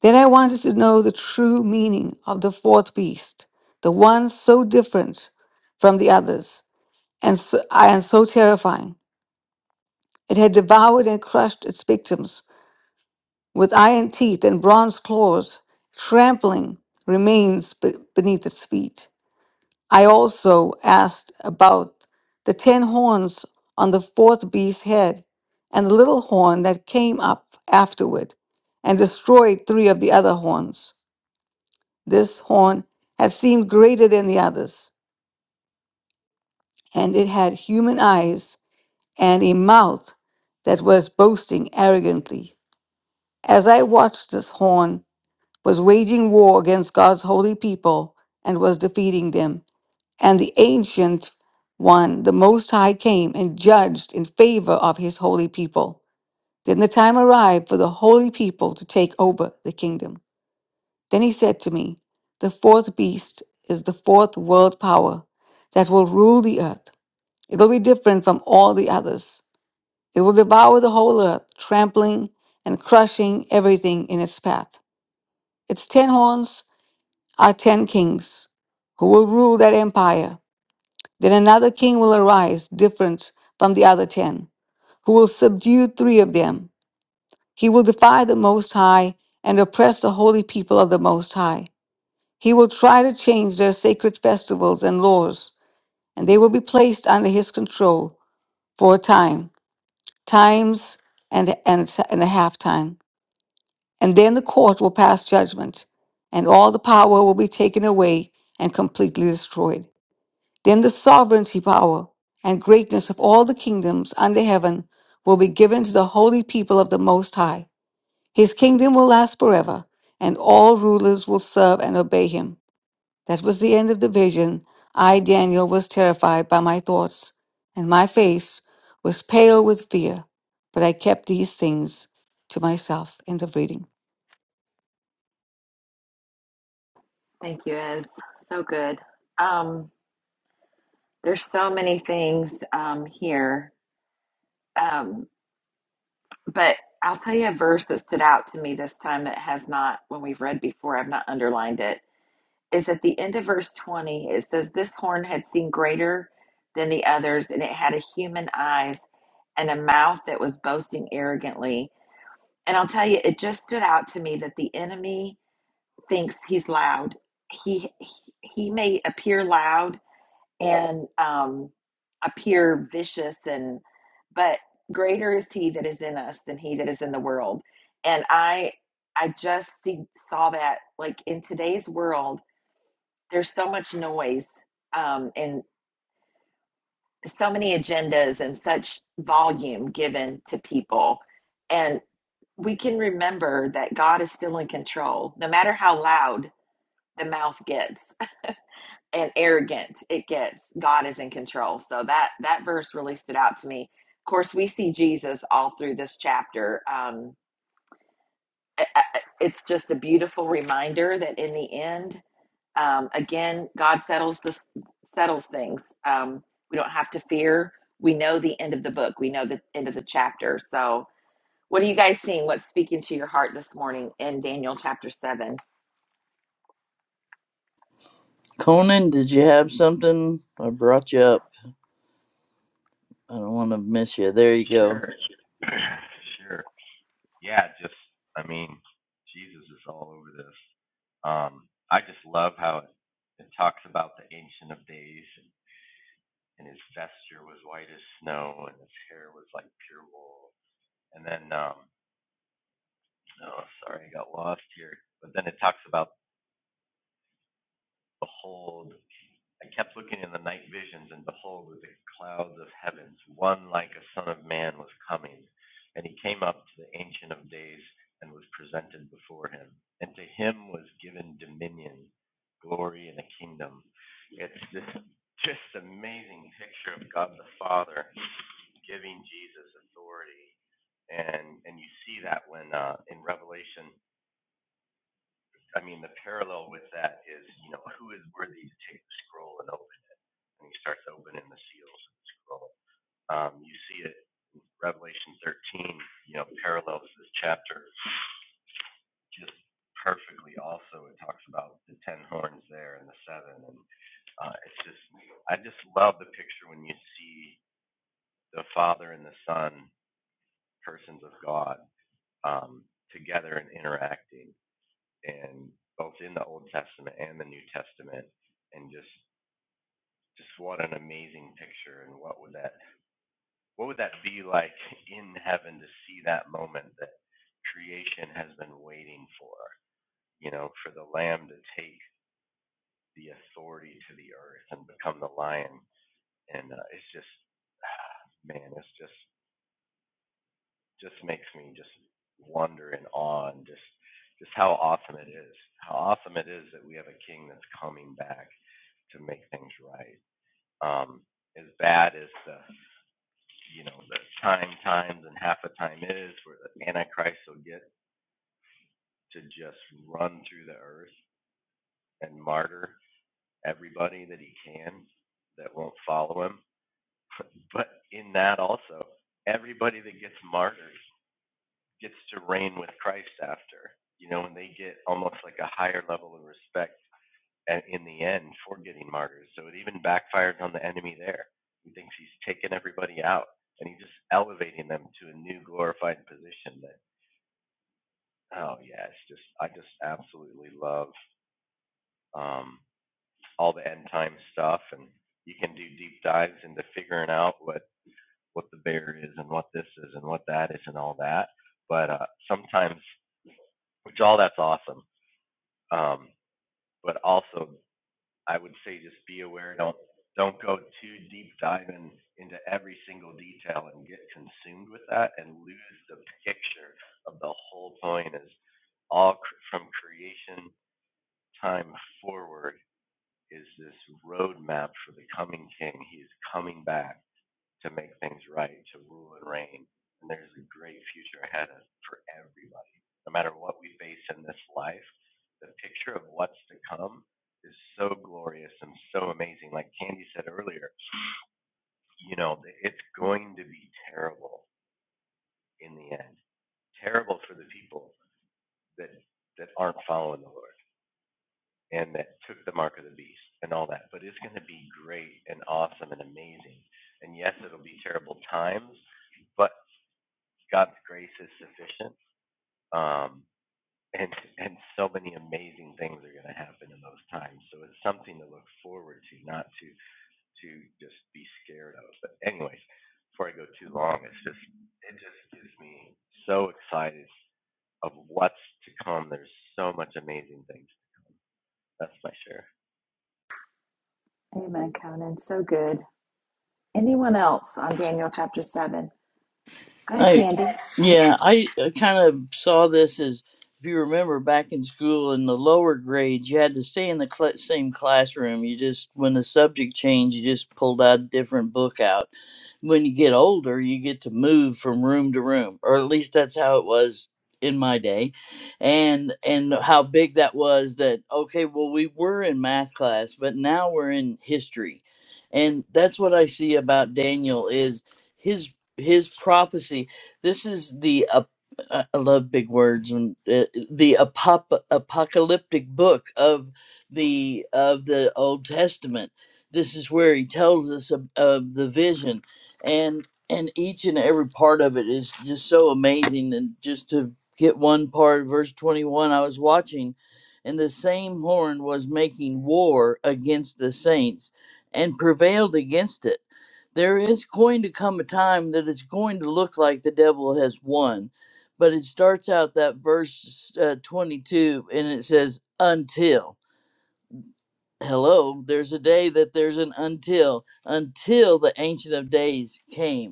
[SPEAKER 10] Then I wanted to know the true meaning of the fourth beast, the one so different from the others and so, and so terrifying. It had devoured and crushed its victims with iron teeth and bronze claws, trampling remains be- beneath its feet. I also asked about the ten horns on the fourth beast's head, and the little horn that came up afterward, and destroyed three of the other horns. This horn had seemed greater than the others, and it had human eyes and a mouth that was boasting arrogantly. As I watched, this horn was waging war against God's holy people and was defeating them. and the ancient one, the Most High, came and judged in favor of his holy people. Then the time arrived for the holy people to take over the kingdom. Then he said to me, The fourth beast is the fourth world power that will rule the earth. It will be different from all the others. It will devour the whole earth, trampling and crushing everything in its path. Its ten horns are ten kings who will rule that empire. Then another king will arise, different from the other ten, who will subdue three of them. He will defy the Most High and oppress the holy people of the Most High. He will try to change their sacred festivals and laws, and they will be placed under his control for a time, times and, and, and a half time. And then the court will pass judgment, and all the power will be taken away and completely destroyed. Then the sovereignty, power, and greatness of all the kingdoms under heaven will be given to the holy people of the Most High. His kingdom will last forever, and all rulers will serve and obey him. That was the end of the vision. I, Daniel, was terrified by my thoughts, and my face was pale with fear, but I kept these things to myself. End of reading.
[SPEAKER 1] Thank you, Ez. So good. Um, there's so many things um, here. Um, but I'll tell you a verse that stood out to me this time that has not, when we've read before, I've not underlined it. is at the end of verse 20. It says, This horn had seen greater than the others, and it had a human eyes and a mouth that was boasting arrogantly. And I'll tell you, it just stood out to me that the enemy thinks he's loud. He he, may appear loud and um, appear vicious, and but greater is he that is in us than he that is in the world. And I I just see, saw that like in today's world there's so much noise um, and so many agendas and such volume given to people. And we can remember that God is still in control, no matter how loud the mouth gets (laughs) and arrogant it gets god is in control so that that verse really stood out to me of course we see jesus all through this chapter um, it's just a beautiful reminder that in the end Um, again, God settles this settles things. Um, we don't have to fear. We know the end of the book. We know the end of the chapter. So, what are you guys seeing? What's speaking to your heart this morning in Daniel chapter seven?
[SPEAKER 8] Conan, did you have something? I brought you up. I don't want to miss you. There you go.
[SPEAKER 11] Sure. (clears throat) sure. Yeah, just I mean, Jesus is all over this. Um, I just love how it, it talks about the ancient of days and, and his vesture was white as snow and his hair was like pure wool. And then um oh sorry, I got lost here. But then it talks about behold I kept looking in the night visions, and behold, with the clouds of heavens, one like a son of man was coming. And he came up to the Ancient of Days and was presented before him. And to him was given dominion, glory, and a kingdom. It's this just amazing picture of God the Father giving Jesus authority. And, and you see that when uh, in Revelation, I mean, the parallel with that is, you know, who is worthy to take the scroll and open? and he starts opening the seals and scroll. Um, you see it in Revelation 13, you know, parallels this chapter just perfectly. Also, it talks about the ten horns there and the seven, and uh, it's just I just love the picture when you see the Father and the Son, persons of God, um, together and interacting, and both in the Old Testament and the New Testament, and just just what an amazing picture, and what would that What would that be like in heaven to see that moment that creation has been waiting for? You know, for the lamb to take the authority to the earth and become the lion. And uh, it's just, (sighs) man, it's just just makes me just wonder and awe and just just how awesome it is. How awesome it is that we have a king that's coming back to make things right. Um, as bad as the you know the time times and half a time is where the antichrist will get to just run through the earth and martyr everybody that he can that won't follow him. (laughs) But in that also, everybody that gets martyred gets to reign with Christ after. You know, and they get almost like a higher level of respect a- in the end for getting martyrs. So it even backfires on the enemy there. He thinks he's taking everybody out and he's just elevating them to a new glorified position that oh yeah, it's just I just absolutely love. Um all the end time stuff and you can do deep dives into figuring out what what the bear is and what this is and what that is and all that but uh sometimes which all that's awesome um but also i would say just be aware don't don't go too deep diving into every single detail and get consumed with that and lose the picture of the whole point is all cr- from creation time forward is this roadmap for the coming king. He is coming back to make things right, to rule and reign. And there's a great future ahead of for everybody. No matter what we face in this life, the picture of what's to come is so glorious and so amazing. Like Candy said earlier, you know, it's going to be terrible in the end. Terrible for the people that that aren't following the Lord. and that took the mark of the beast and all that. But it's going to be great and awesome and amazing. And yes, it'll be terrible times, but God's grace is sufficient. Um, and and so many amazing things are going to happen in those times. So it's something to look forward to, not to to just be scared of. But anyways, before I go too long, it's just it just gives me so excited of what's to come. There's so much amazing things. That's my share.
[SPEAKER 1] Amen, Conan. So good. Anyone else on Daniel chapter seven? Go ahead,
[SPEAKER 8] I
[SPEAKER 1] Candy. And
[SPEAKER 8] yeah, I kind of saw this as if you remember back in school in the lower grades, you had to stay in the cl- same classroom. You just when the subject changed, you just pulled out a different book out. When you get older, you get to move from room to room, or at least that's how it was in my day. And and how big that was that okay, well we were in math class, but now we're in history. And that's what I see about Daniel is his his prophecy this is the ap- I I love big words and uh, the apop- apocalyptic book of the of the Old Testament. This is where he tells us of, of the vision, and and each and every part of it is just so amazing. And just to get one part, verse twenty one, I was watching, and the same horn was making war against the saints, and prevailed against it there is going to come a time that it's going to look like the devil has won. But it starts out that verse uh, 22 and it says, until. Hello, there's a day that there's an until, until the Ancient of Days came.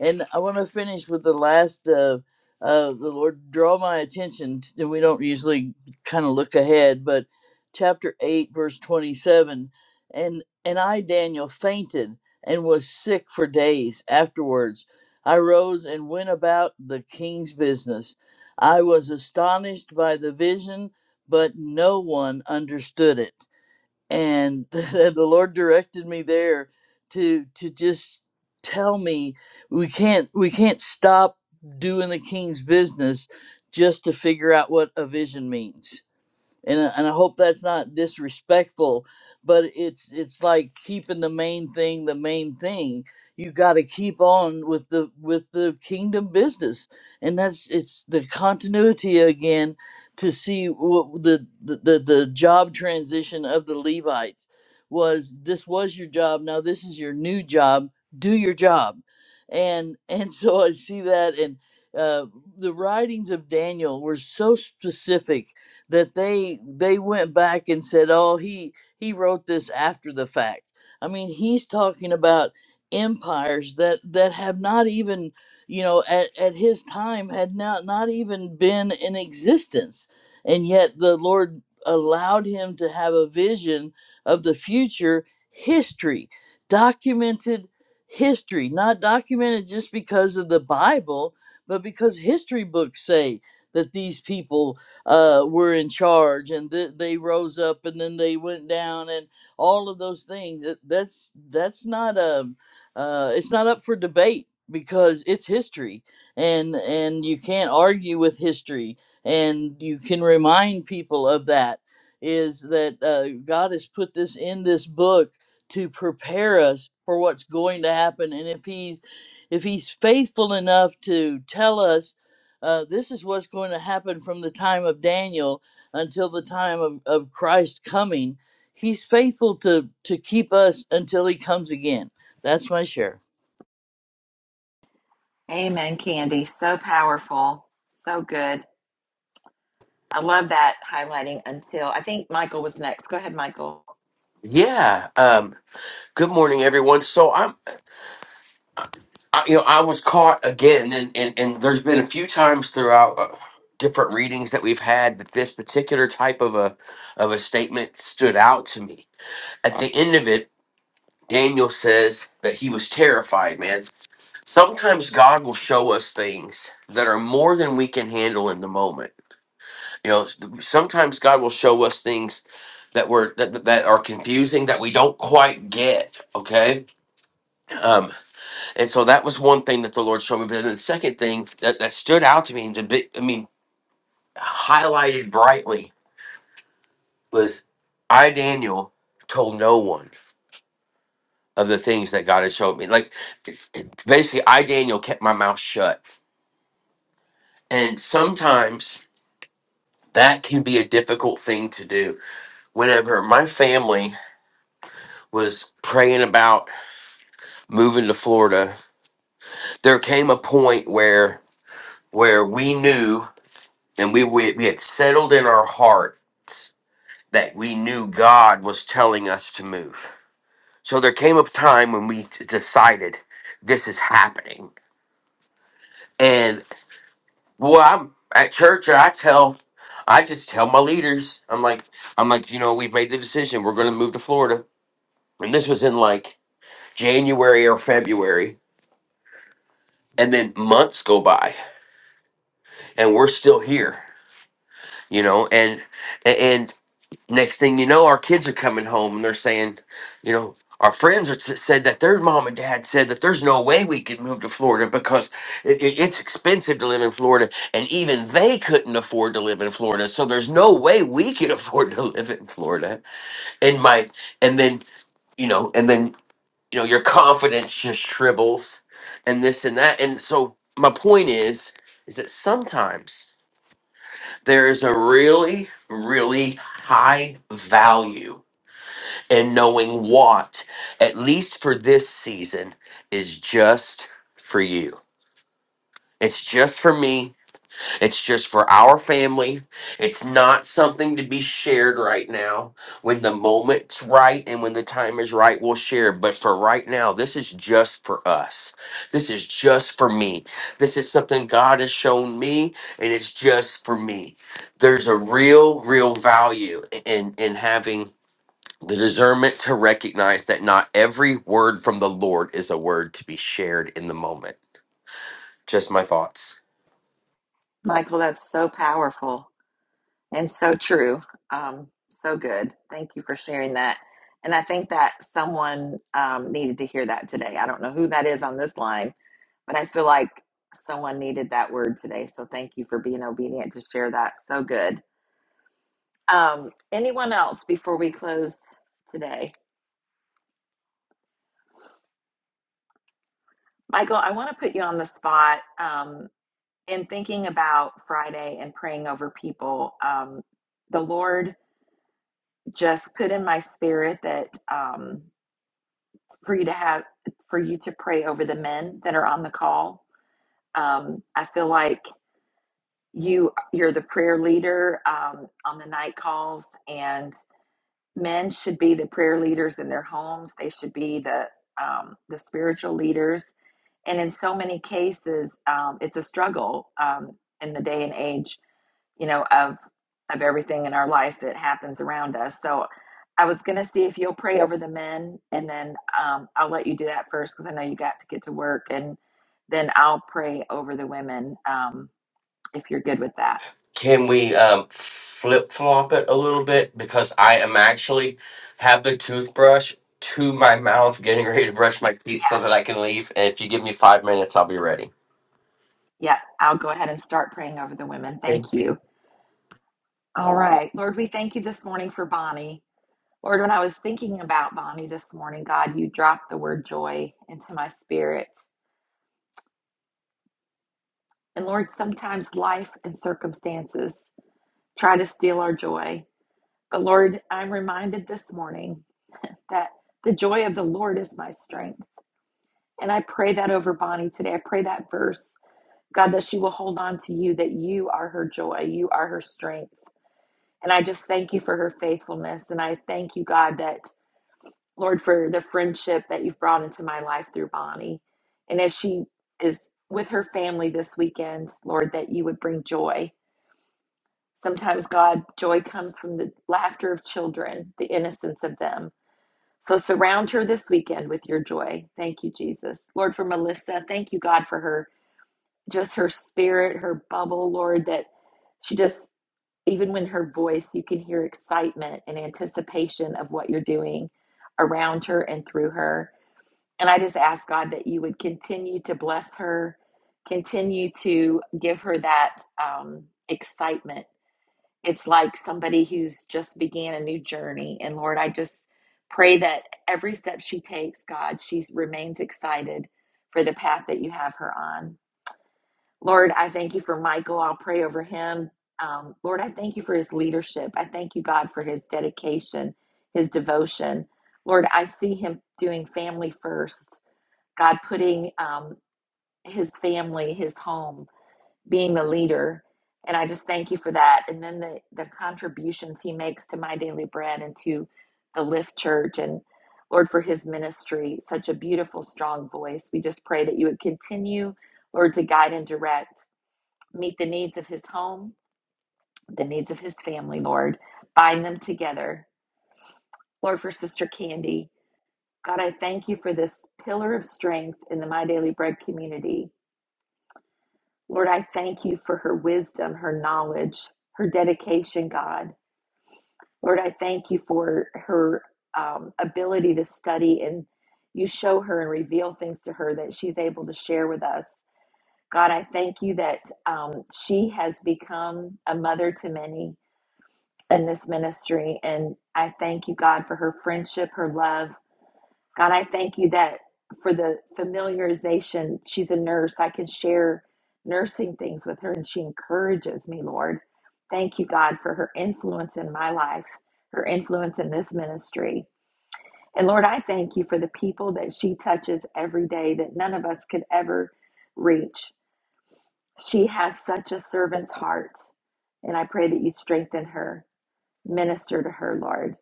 [SPEAKER 8] And I want to finish with the last uh, uh, the Lord draw my attention. t- and we don't usually kind of look ahead, but chapter eight, verse twenty-seven, and and I Daniel fainted and was sick for days afterwards. I rose and went about the king's business. I was astonished by the vision, but no one understood it and (laughs) the lord directed me there to to just tell me we can't we can't stop doing the king's business just to figure out what a vision means and I- and I hope that's not disrespectful, but it's it's like keeping the main thing the main thing. You got to keep on with the with the kingdom business, and that's it's the continuity again to see what the the the, the job transition of the Levites was. This was your job. Now this is your new job. Do your job, and (laughs) and so I see that and. Uh, the writings of Daniel were so specific that they they went back and said, "Oh, he he wrote this after the fact." I mean, he's talking about empires that that have not even, you know, at, at his time had not not even been in existence, and yet the Lord allowed him to have a vision of the future history, documented history, not documented just because of the Bible, but because history books say that these people uh, were in charge and th- they rose up and then they went down and all of those things That- that's that's not a uh, it's not up for debate because it's history and and you can't argue with history and you can remind people of that is that uh, god has put this in this book to prepare us for what's going to happen and if he's if he's faithful enough to tell us uh, this is what's going to happen from the time of Daniel until the time of, of Christ coming. He's faithful to, to keep us until he comes again. That's my share.
[SPEAKER 1] Amen, Candy. So powerful. So good. I love that highlighting until I think Michael was next. Go ahead, Michael.
[SPEAKER 12] Yeah. Um, good morning, everyone. So I'm, I, you know, I was caught again, and, and and there's been a few times throughout uh, different readings that we've had that this particular type of a of a statement stood out to me. At the end of it, Daniel says that he was terrified. Man, sometimes God will show us things that are more than we can handle in the moment. You know, sometimes God will show us things that were that, that that are confusing that we don't quite get. Okay. Um, And so that was one thing that the Lord showed me. But then the second thing that, that stood out to me, and the big, I mean, highlighted brightly, was I, Daniel, told no one of the things that God had showed me. Like, it's- it- basically, I, Daniel, kept my mouth shut. And sometimes that can be a difficult thing to do. Whenever my family was praying about moving to Florida, there came a point where where we knew and we we, we had settled in our heart that we knew God was telling us to move. So there came a time when we t- decided this is happening. And well, I'm at church and I tell, I just tell my leaders, I'm like, I'm like, you know, we made the decision. We're going to move to Florida. And this was in like January or February. And then months go by and we're still here, you know, and, and, next thing you know our kids are coming home and they're saying you know our friends are s- said that their mom and dad said that there's no way we could move to florida because it, it's expensive to live in florida and even they couldn't afford to live in florida so there's no way we could (laughs) afford to live in florida and my and then you know and then you know your confidence just shrivels and this and that and so my point is is that sometimes there is a really really high value and knowing what, at least for this season, is just for you. It's just for me. It's just for our family. It's not something to be shared right now. When the moment's right and when the time is right, we'll share. But for right now, this is just for us. This is just for me. This is something God has shown me, and it's just for me. There's a real, real value in in having the discernment to recognize that not every word from the Lord is a word to be shared in the moment. Just my thoughts.
[SPEAKER 1] Michael, that's so powerful. And so true. Um, so good. Thank you for sharing that. And I think that someone um, needed to hear that today. I don't know who that is on this line, but I feel like someone needed that word today. So thank you for being obedient to share that. So good. Um, anyone else before we close today? Michael, I want to put you on the spot. Um, in thinking about Friday and praying over people, um, the Lord just put in my spirit that. Um, for you to have for you to pray over the men that are on the call. Um, I feel like you you're the prayer leader um, on the night calls, and men should be the prayer leaders in their homes. They should be the um, the spiritual leaders, and in so many cases, um, it's a struggle um, in the day and age you know, of of everything in our life that happens around us. So I was going to see if you'll pray over the men, and then um, I'll let you do that first because I know you got to get to work, and then I'll pray over the women um, if you're good with that.
[SPEAKER 12] Can we um, flip flop it a little bit? Because I am actually have the toothbrush to my mouth, getting ready to brush my
[SPEAKER 1] Yeah,
[SPEAKER 12] teeth so that I can leave. And if you give me five minutes, I'll be ready.
[SPEAKER 1] yeah. I'll go ahead and start praying over the women. Thank
[SPEAKER 12] Thank you.
[SPEAKER 1] you. All right, Lord, we thank you this morning for Bonnie. Lord, when I was thinking about Bonnie this morning, God, you dropped the word joy into my spirit. And Lord, sometimes life and circumstances try to steal our joy. But Lord, I'm reminded this morning that the joy of the Lord is my strength. And I pray that over Bonnie today. I pray that verse, God, that she will hold on to you, that you are her joy, you are her strength. And I just thank you for her faithfulness. And I thank you, God, that, Lord, for the friendship that you've brought into my life through Bonnie. And as she is with her family this weekend, Lord, that you would bring joy Sometimes God joy comes from the laughter of children, the innocence of them. So surround her this weekend with your joy. Thank you, Jesus. Lord, for Melissa, thank you, God, for her, just her spirit, her bubble, Lord, that she just, even when her voice, you can hear excitement and anticipation of what you're doing around her and through her. And I just ask, God, that you would continue to bless her, continue to give her that um, excitement it's like somebody who's just began a new journey. And Lord, I just pray that every step she takes, God, she remains excited for the path that you have her on. Lord, I thank you for Michael. I'll pray over him. Um, Lord, I thank you for his leadership. I thank you, God, for his dedication, his devotion. Lord, I see him doing family first. God, putting um, his family, his home, being the leader. And I just thank you for that. And then the, the contributions he makes to My Daily Bread and to the Lift Church and Lord for his ministry, such a beautiful, strong voice. We just pray that you would continue, Lord, to guide and direct, meet the needs of his home, the needs of his family, Lord. Bind them together. Lord, for Sister Candy, God, I thank you for this pillar of strength in the My Daily Bread community. Lord, I thank you for her wisdom, her knowledge, her dedication, God. Lord, I thank you for her um, ability to study and you show her and reveal things to her that she's able to share with us. God, I thank you that um, she has become a mother to many in this ministry. And I thank you, God, for her friendship, her love, God, I thank you that for the familiarization, she's a nurse. I can share nursing things with her and she encourages me, Lord. Thank you, God, for her influence in my life, her influence in this ministry. And Lord, I thank you for the people that she touches every day that none of us could ever reach. She has such a servant's heart. And I pray that you strengthen her, minister to her, Lord.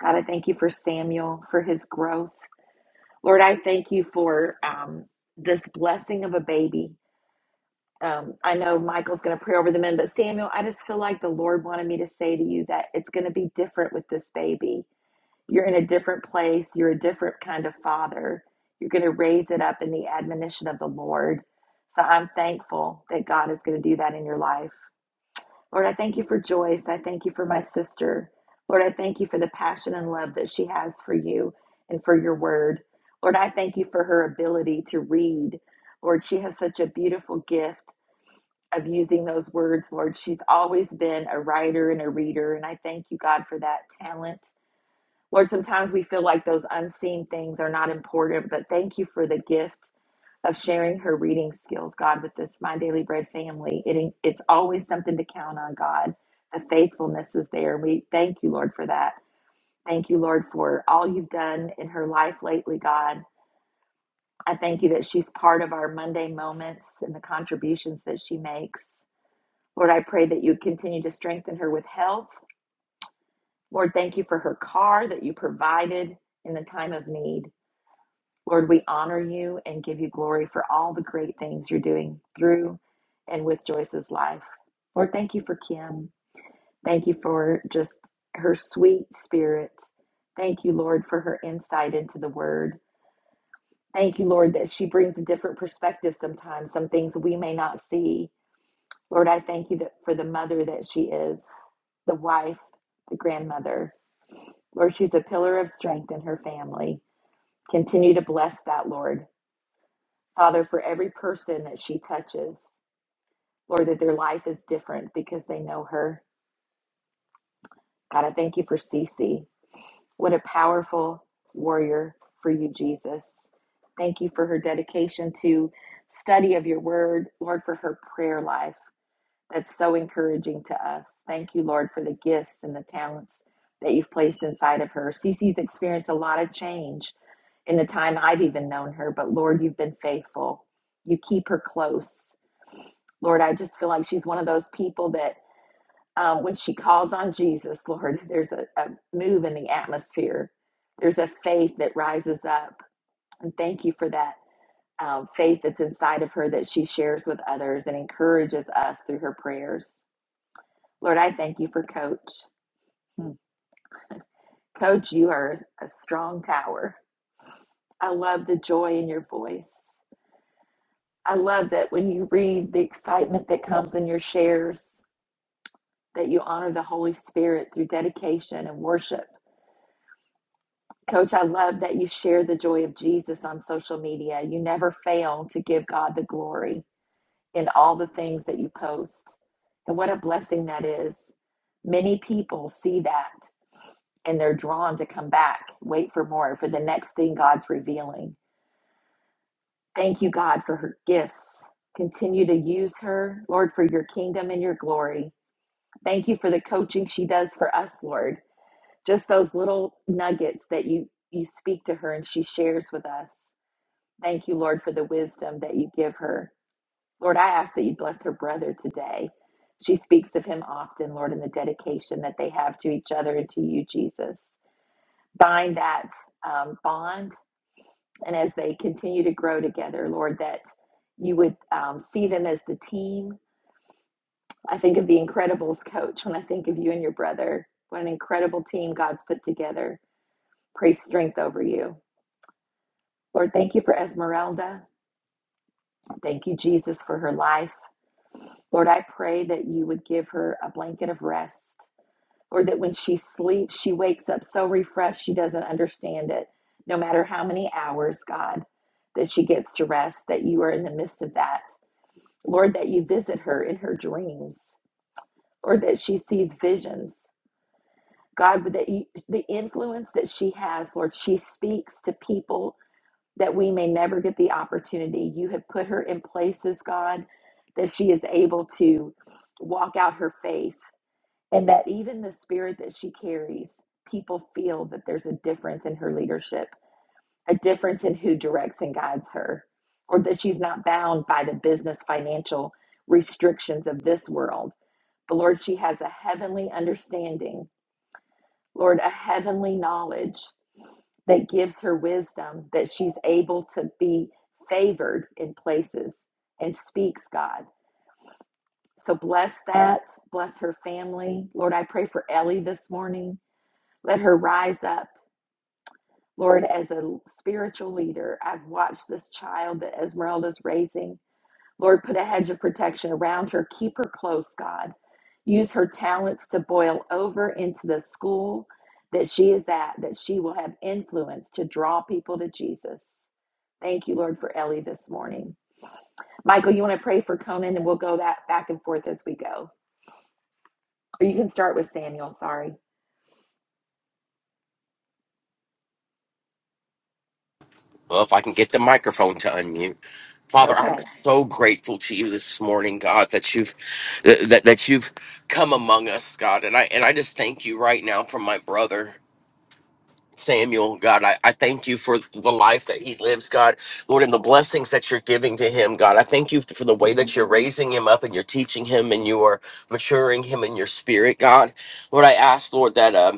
[SPEAKER 1] God, I thank you for Samuel, for his growth. Lord, I thank you for um, this blessing of a baby. Um, I know Michael's going to pray over the men, but Samuel, I just feel like the Lord wanted me to say to you that it's going to be different with this baby. You're in a different place. You're a different kind of father. You're going to raise it up in the admonition of the Lord. So I'm thankful that God is going to do that in your life. Lord, I thank you for Joyce. I thank you for my sister. Lord, I thank you for the passion and love that she has for you and for your word. Lord, I thank you for her ability to read. Lord, she has such a beautiful gift of using those words. Lord, she's always been a writer and a reader. And I thank you, God, for that talent. Lord, sometimes we feel like those unseen things are not important, but thank you for the gift of sharing her reading skills, God, with this My Daily Bread family. It, it's always something to count on, God. The faithfulness is there. We thank you, Lord, for that. Thank you, Lord, for all you've done in her life lately, God. I thank you that she's part of our Monday moments and the contributions that she makes. Lord, I pray that you continue to strengthen her with health. Lord, thank you for her car that you provided in the time of need. Lord, we honor you and give you glory for all the great things you're doing through and with Joyce's life. Lord, thank you for Kim. Thank you for just her sweet spirit. Thank you, Lord, for her insight into the word. Thank you, Lord, that she brings a different perspective sometimes, some things we may not see. Lord, I thank you that for the mother that she is, the wife, the grandmother. Lord, she's a pillar of strength in her family. Continue to bless that, Lord. Father, for every person that she touches, Lord, that their life is different because they know her. God, I thank you for Cece. What a powerful warrior for you, Jesus. Thank you for her dedication to study of your word, Lord, for her prayer life. That's so encouraging to us. Thank you, Lord, for the gifts and the talents that you've placed inside of her. Cece's experienced a lot of change in the time I've even known her, but Lord, you've been faithful. You keep her close. Lord, I just feel like she's one of those people that um, when she calls on Jesus, Lord, there's a, a move in the atmosphere. There's a faith that rises up. And thank you for that um, faith that's inside of her that she shares with others and encourages us through her prayers. Lord, I thank you for Coach. Hmm. Coach, you are a strong tower. I love the joy in your voice. I love that when you read the excitement that comes in your shares. that you honor the Holy Spirit through dedication and worship. Coach, I love that you share the joy of Jesus on social media. You never fail to give God the glory in all the things that you post. And what a blessing that is. Many people see that and they're drawn to come back, wait for more, for the next thing God's revealing. Thank you, God, for her gifts. Continue to use her, Lord, for your kingdom and your glory. Thank you for the coaching she does for us, Lord. just those little nuggets that you you speak to her and she shares with us thank you lord for the wisdom that you give her lord i ask that you bless her brother today she speaks of him often lord in the dedication that they have to each other and to you jesus bind that um, bond and as they continue to grow together lord that you would um, see them as the team i think of the incredibles coach when i think of you and your brother what an incredible team god's put together pray strength over you Lord, thank you for Esmeralda. Thank you, Jesus, for her life. Lord, I pray that you would give her a blanket of rest. or that when she sleeps, she wakes up so refreshed she doesn't understand it. No matter how many hours, God, that she gets to rest, that you are in the midst of that. Lord, that you visit her in her dreams. or that she sees visions. God, that you, the influence that she has, Lord, she speaks to people that we may never get the opportunity. You have put her in places, God, that she is able to walk out her faith, and that even the spirit that she carries, people feel that there's a difference in her leadership, a difference in who directs and guides her, or that she's not bound by the business financial restrictions of this world. But Lord, she has a heavenly understanding, Lord, a heavenly knowledge that gives her wisdom that she's able to be favored in places and speaks God. So bless that. Bless her family. Lord, I pray for Ellie this morning. Let her rise up. Lord, as a spiritual leader, I've watched this child that Esmeralda's raising Lord, put a hedge of protection around her. Keep her close, God. Use her talents to boil over into the school that she is at, that she will have influence to draw people to Jesus. Thank you, Lord, for Ellie this morning. Michael, you want to pray for Conan, and we'll go back, back and forth as we go. Or you can start with Samuel. Sorry.
[SPEAKER 12] Well, if I can get the microphone to unmute.
[SPEAKER 1] It's
[SPEAKER 12] Father, I'm
[SPEAKER 1] okay.
[SPEAKER 12] so grateful to you this morning, God, that you've that that you've come among us, God. And I and I just thank you right now for my brother. Samuel, God, I, I thank you for the life that he lives, God, Lord, and the blessings that you're giving to him, God. I thank you for the way that you're raising him up and you're teaching him and you are maturing him in your spirit, God. Lord, I ask, Lord, that um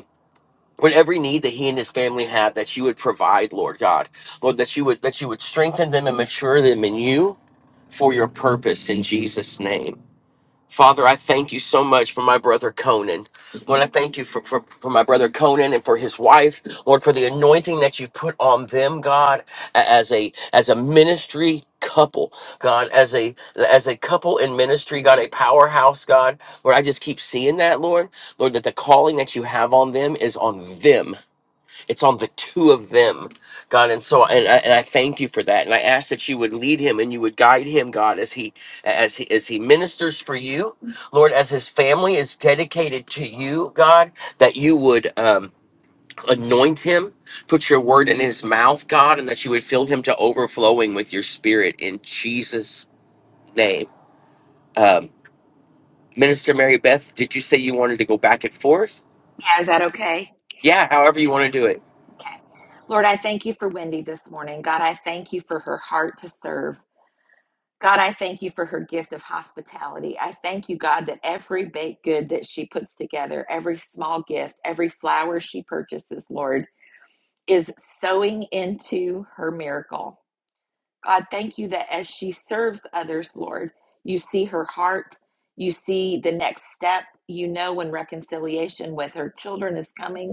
[SPEAKER 12] with every need that he and his family have that you would provide lord god lord that you would that you would strengthen them and mature them in you for your purpose in jesus name father i thank you so much for my brother conan lord i thank you for, for, for my brother conan and for his wife lord for the anointing that you've put on them god a- as a as a ministry couple god as a as a couple in ministry god a powerhouse god lord i just keep seeing that lord lord that the calling that you have on them is on them it's on the two of them god and so and I, and I thank you for that and i ask that you would lead him and you would guide him god as he as he as he ministers for you lord as his family is dedicated to you god that you would um anoint him put your word in his mouth god and that you would fill him to overflowing with your spirit in jesus name um minister mary beth did you say you wanted to go back and forth
[SPEAKER 1] Yeah, is that okay?
[SPEAKER 12] yeah however you want to do it
[SPEAKER 1] Lord, I thank you for Wendy this morning. God, I thank you for her heart to serve. God, I thank you for her gift of hospitality. I thank you, God, that every baked good that she puts together, every small gift, every flower she purchases, Lord, is sowing into her miracle. God, thank you that as she serves others, Lord, you see her heart, you see the next step, you know when reconciliation with her children is coming.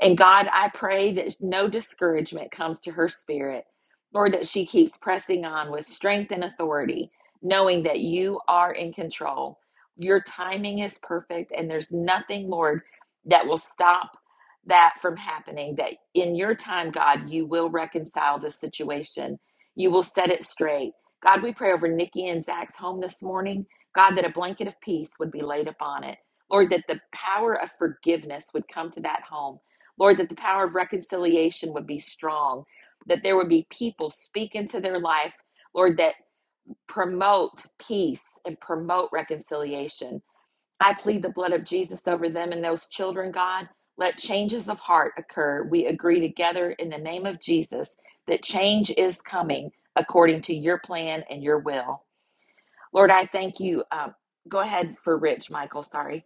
[SPEAKER 1] And God, I pray that no discouragement comes to her spirit, Lord, that she keeps pressing on with strength and authority, knowing that you are in control. Your timing is perfect, and there's nothing, Lord, that will stop that from happening. That in your time, God, you will reconcile the situation, you will set it straight. God, we pray over Nikki and Zach's home this morning. God, that a blanket of peace would be laid upon it. Lord, that the power of forgiveness would come to that home. Lord, that the power of reconciliation would be strong, that there would be people speak into their life, Lord, that promote peace and promote reconciliation. I plead the blood of Jesus over them and those children, God. Let changes of heart occur. We agree together in the name of Jesus that change is coming according to your plan and your will. Lord, I thank you. Um, go ahead for Rich, Michael. Sorry.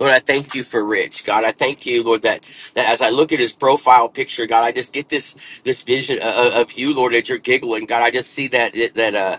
[SPEAKER 12] Lord, I thank you for Rich. God, I thank you, Lord, that, that as I look at his profile picture, God, I just get this this vision of, of you, Lord, that you're giggling. God, I just see that that uh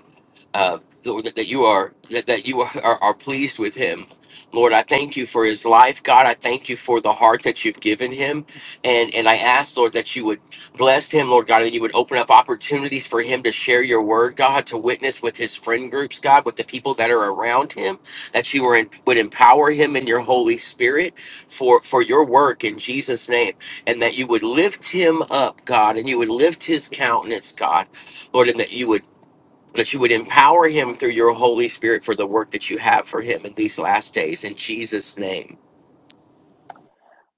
[SPEAKER 12] uh, Lord, that, that you are that, that you are, are, are pleased with him. Lord, I thank you for his life. God, I thank you for the heart that you've given him. And and I ask, Lord, that you would bless him, Lord God, and you would open up opportunities for him to share your word, God, to witness with his friend groups, God, with the people that are around him that you were in, would empower him in your Holy Spirit for for your work in Jesus' name, and that you would lift him up, God, and you would lift his countenance, God, Lord, and that you would that you would empower him through your Holy Spirit for the work that you have for him in these last days in Jesus' name.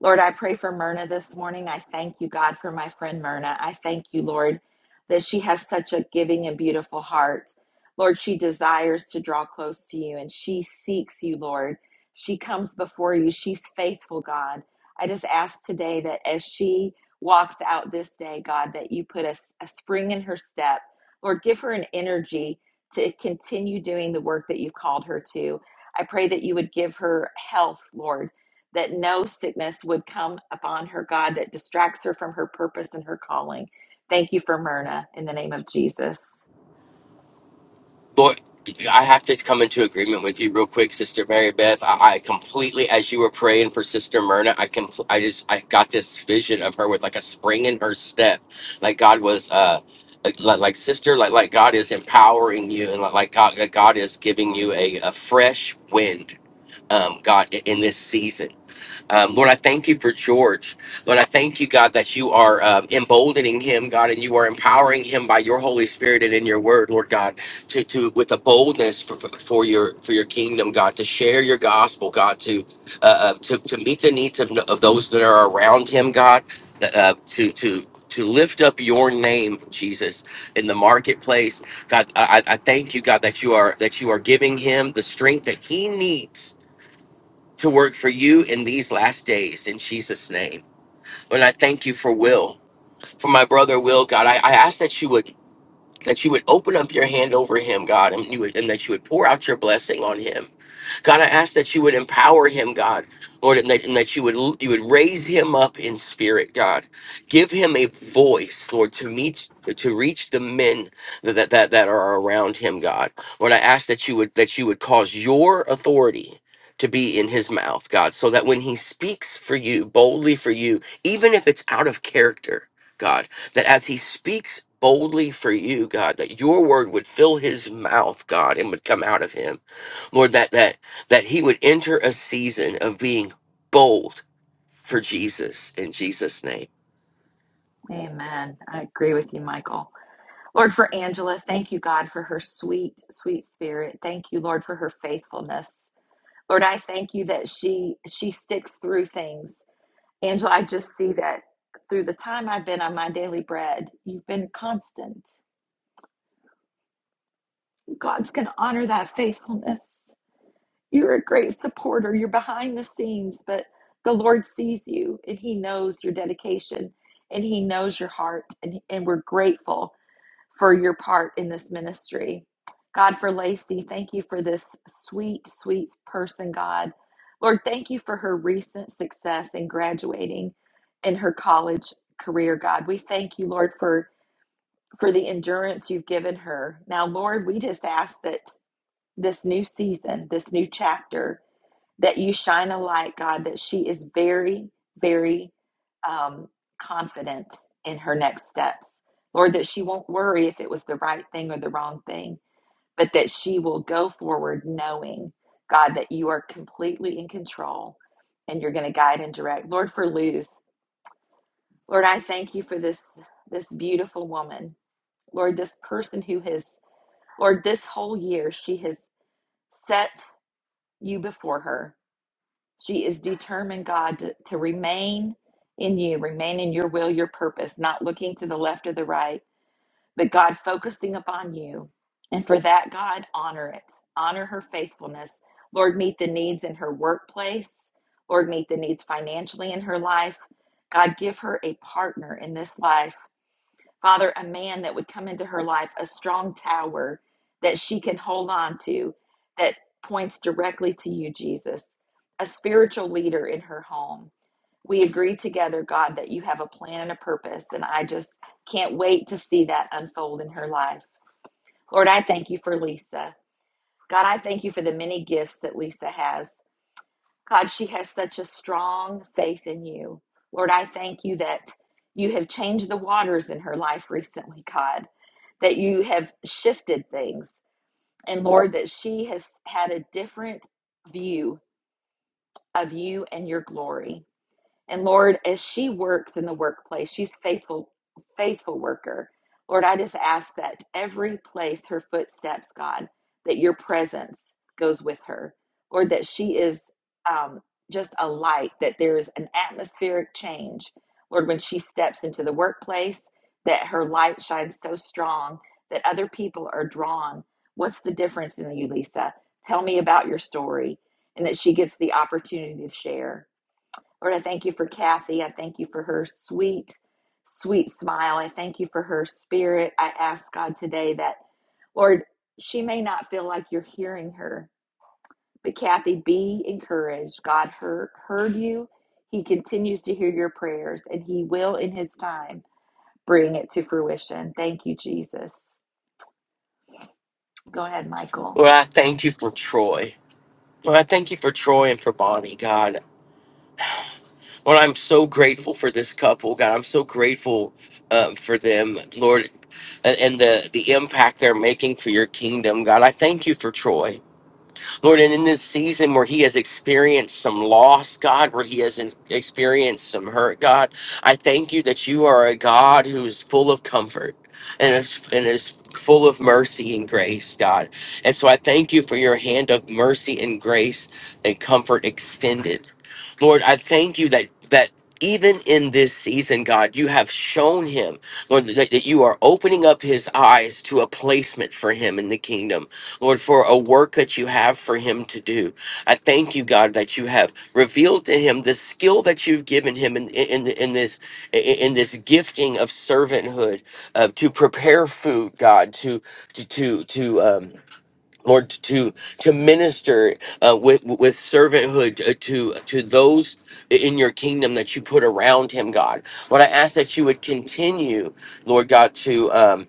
[SPEAKER 1] Lord, I pray for Myrna this morning. I thank you, God, for my friend Myrna. I thank you, Lord, that she has such a giving and beautiful heart. Lord, she desires to draw close to you and she seeks you, Lord. She comes before you. She's faithful, God. I just ask today that as she walks out this day, God, that you put a, a spring in her step. Lord, give her an energy to continue doing the work that you've called her to. I pray that you would give her health, Lord that no sickness would come upon her, God, that distracts her from her purpose and her calling. Thank you for Myrna in the name of Jesus.
[SPEAKER 12] Lord, I have to come into agreement with you real quick, Sister Mary Beth. I, I completely, as you were praying for Sister Myrna, I can, I just, I got this vision of her with like a spring in her step, like God was, uh, like, like like, sister, like like God is empowering you, and like like God, like God is giving you a, a fresh wind, um, God in in this season. Um, Lord, I thank you for George. Lord, I thank you, God, that you are um, emboldening him, God, and you are empowering him by your Holy Spirit and in your Word, Lord God, to, to with a boldness for, for for your for your kingdom, God, to share your gospel, God, to uh, uh, to to meet the needs of, of those that are around him, God, uh, uh, to to to lift up your name, Jesus, in the marketplace, God. I, I I thank you, God, that you are that you are giving him the strength that he needs to work for you in these last days in Jesus' name. And I thank you for Will, for my brother Will, God. I, I ask that you would that you would open up your hand over him, God, and you would, and that you would pour out your blessing on him. God, I ask that you would empower him, God, Lord, and that, and that you would you would raise him up in spirit, God. Give him a voice, Lord, to meet to reach the men that that that, that are around him, God. Lord, I ask that you would that you would cause your authority to be in his mouth, God, so that when he speaks for you, boldly for you, even if it's out of character, God, that as he speaks boldly for you, God, that your word would fill his mouth, God, and would come out of him. Lord, that that that he would enter a season of being bold for Jesus in Jesus' name.
[SPEAKER 1] Amen. I agree with you, Michael. Lord, for Angela, thank you, God, for her sweet, sweet spirit. Thank you, Lord, for her faithfulness. Lord, I thank you that she she sticks through things. Angela, I just see that through the time I've been on my daily bread, you've been constant. God's going to honor that faithfulness. You're a great supporter. You're behind the scenes, but the Lord sees you and He knows your dedication and He knows your heart. And, and we're grateful for your part in this ministry. God, for Lacey, thank you for this sweet, sweet person, God. Lord, thank you for her recent success in graduating in her college career, God. We thank you, Lord, for, for the endurance you've given her. Now, Lord, we just ask that this new season, this new chapter, that you shine a light, God, that she is very, very um, confident in her next steps. Lord, that she won't worry if it was the right thing or the wrong thing, but that she will go forward knowing, God, that you are completely in control and you're going to guide and direct. Lord, for Luz, Lord, I thank you for this this beautiful woman. Lord, this person who has, Lord, this whole year she has set you before her. She is determined, God, to, to remain in you, remain in your will, your purpose, not looking to the left or the right, but God focusing upon you. And for that, God, honor it. Honor her faithfulness. Lord, meet the needs in her workplace. Lord, meet the needs financially in her life. God, give her a partner in this life Father, a man that would come into her life, a strong tower that she can hold on to that points directly to you, Jesus, a spiritual leader in her home. We agree together, God, that you have a plan and a purpose, and I just can't wait to see that unfold in her life. Lord, I thank you for Lisa. God, I thank you for the many gifts that Lisa has. God, she has such a strong faith in you. Lord, I thank you that you have changed the waters in her life recently, God, that you have shifted things. And Lord, that she has had a different view of you and your glory. And Lord, as she works in the workplace, she's faithful, faithful worker. Lord, I just ask that every place her footsteps, God, that your presence goes with her. Lord, that she is um, just a light, that there is an atmospheric change. Lord, when she steps into the workplace, that her light shines so strong that other people are drawn. What's the difference in you, Lisa? Tell me about your story. And that she gets the opportunity to share. Lord, I thank you for Kathy. I thank you for her sweet, sweet smile. I thank you for her spirit. I ask God today that, Lord, she may not feel like you're hearing her, but Kathy, be encouraged. God heard, heard you. He continues to hear your prayers, and He will, in His time, bring it to fruition. Thank you, Jesus. Go ahead, Michael.
[SPEAKER 12] Lord, I thank you for Troy. Lord, I thank you for Troy and for Bonnie, God. Lord, I'm so grateful for this couple, God. I'm so grateful uh, for them, Lord, and, and the, the impact they're making for your kingdom, God. I thank you for Troy. Lord, and in this season where he has experienced some loss, God, where he has in- experienced some hurt, God, I thank you that you are a God who is full of comfort and is, and is full of mercy and grace, God. And so I thank you for your hand of mercy and grace and comfort extended. Lord, I thank you that that even in this season, God, you have shown him, Lord, that, that you are opening up his eyes to a placement for him in the kingdom. Lord, for a work that you have for him to do. I thank you, God, that you have revealed to him the skill that you've given him in, in, in this in this gifting of servanthood, uh, to prepare food, God, to to to to um, Lord, to to minister uh, with with servanthood uh, to to those in your kingdom that you put around him, God. Lord, I ask that you would continue, Lord God, to um,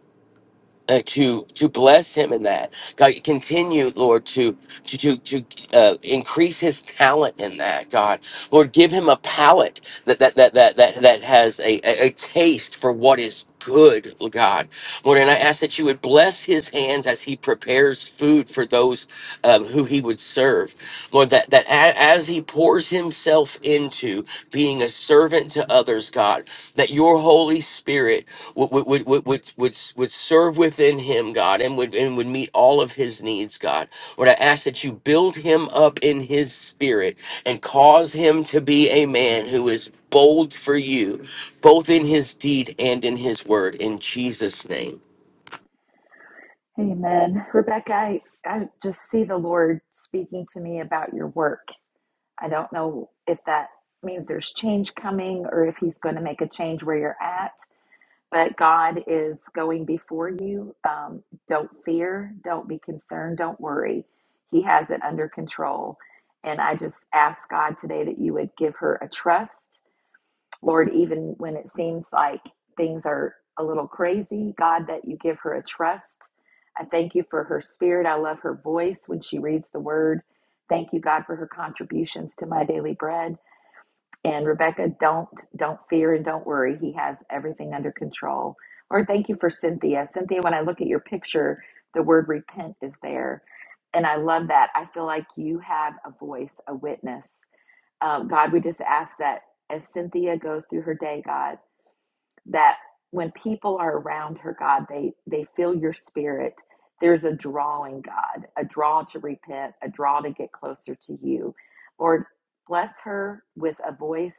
[SPEAKER 12] uh, to to bless him in that god continue lord to to to, to uh, increase his talent in that god lord give him a palate that that that that that, that has a, a, a taste for what is good god lord and i ask that you would bless his hands as he prepares food for those um, who he would serve lord that that a- as he pours himself into being a servant to others god that your Holy Spirit would would would would would, would, would serve within him, God, and would and would meet all of his needs, God. Lord, I ask that you build him up in his spirit and cause him to be a man who is bold for you, both in his deed and in his word. In Jesus' name,
[SPEAKER 1] Amen. Rebecca, I, I just see the Lord speaking to me about your work. I don't know if that means there's change coming or if he's going to make a change where you're at, but God is going before you. Um, don't fear, don't be concerned, don't worry. He has it under control. And I just ask God today that you would give her a trust Lord, even when it seems like things are a little crazy, God, that you give her a trust. I thank you for her spirit. I love her voice when she reads the word. Thank you, God, for her contributions to my daily bread. And Rebecca, don't don't fear and don't worry. He has everything under control. Lord, thank you for Cynthia. Cynthia, when I look at your picture, the word repent is there. And I love that. I feel like you have a voice, a witness. Uh, God, we just ask that as Cynthia goes through her day, God, that when people are around her, God, they they feel your spirit. There's a drawing, God, a draw to repent, a draw to get closer to you. Lord, bless her with a voice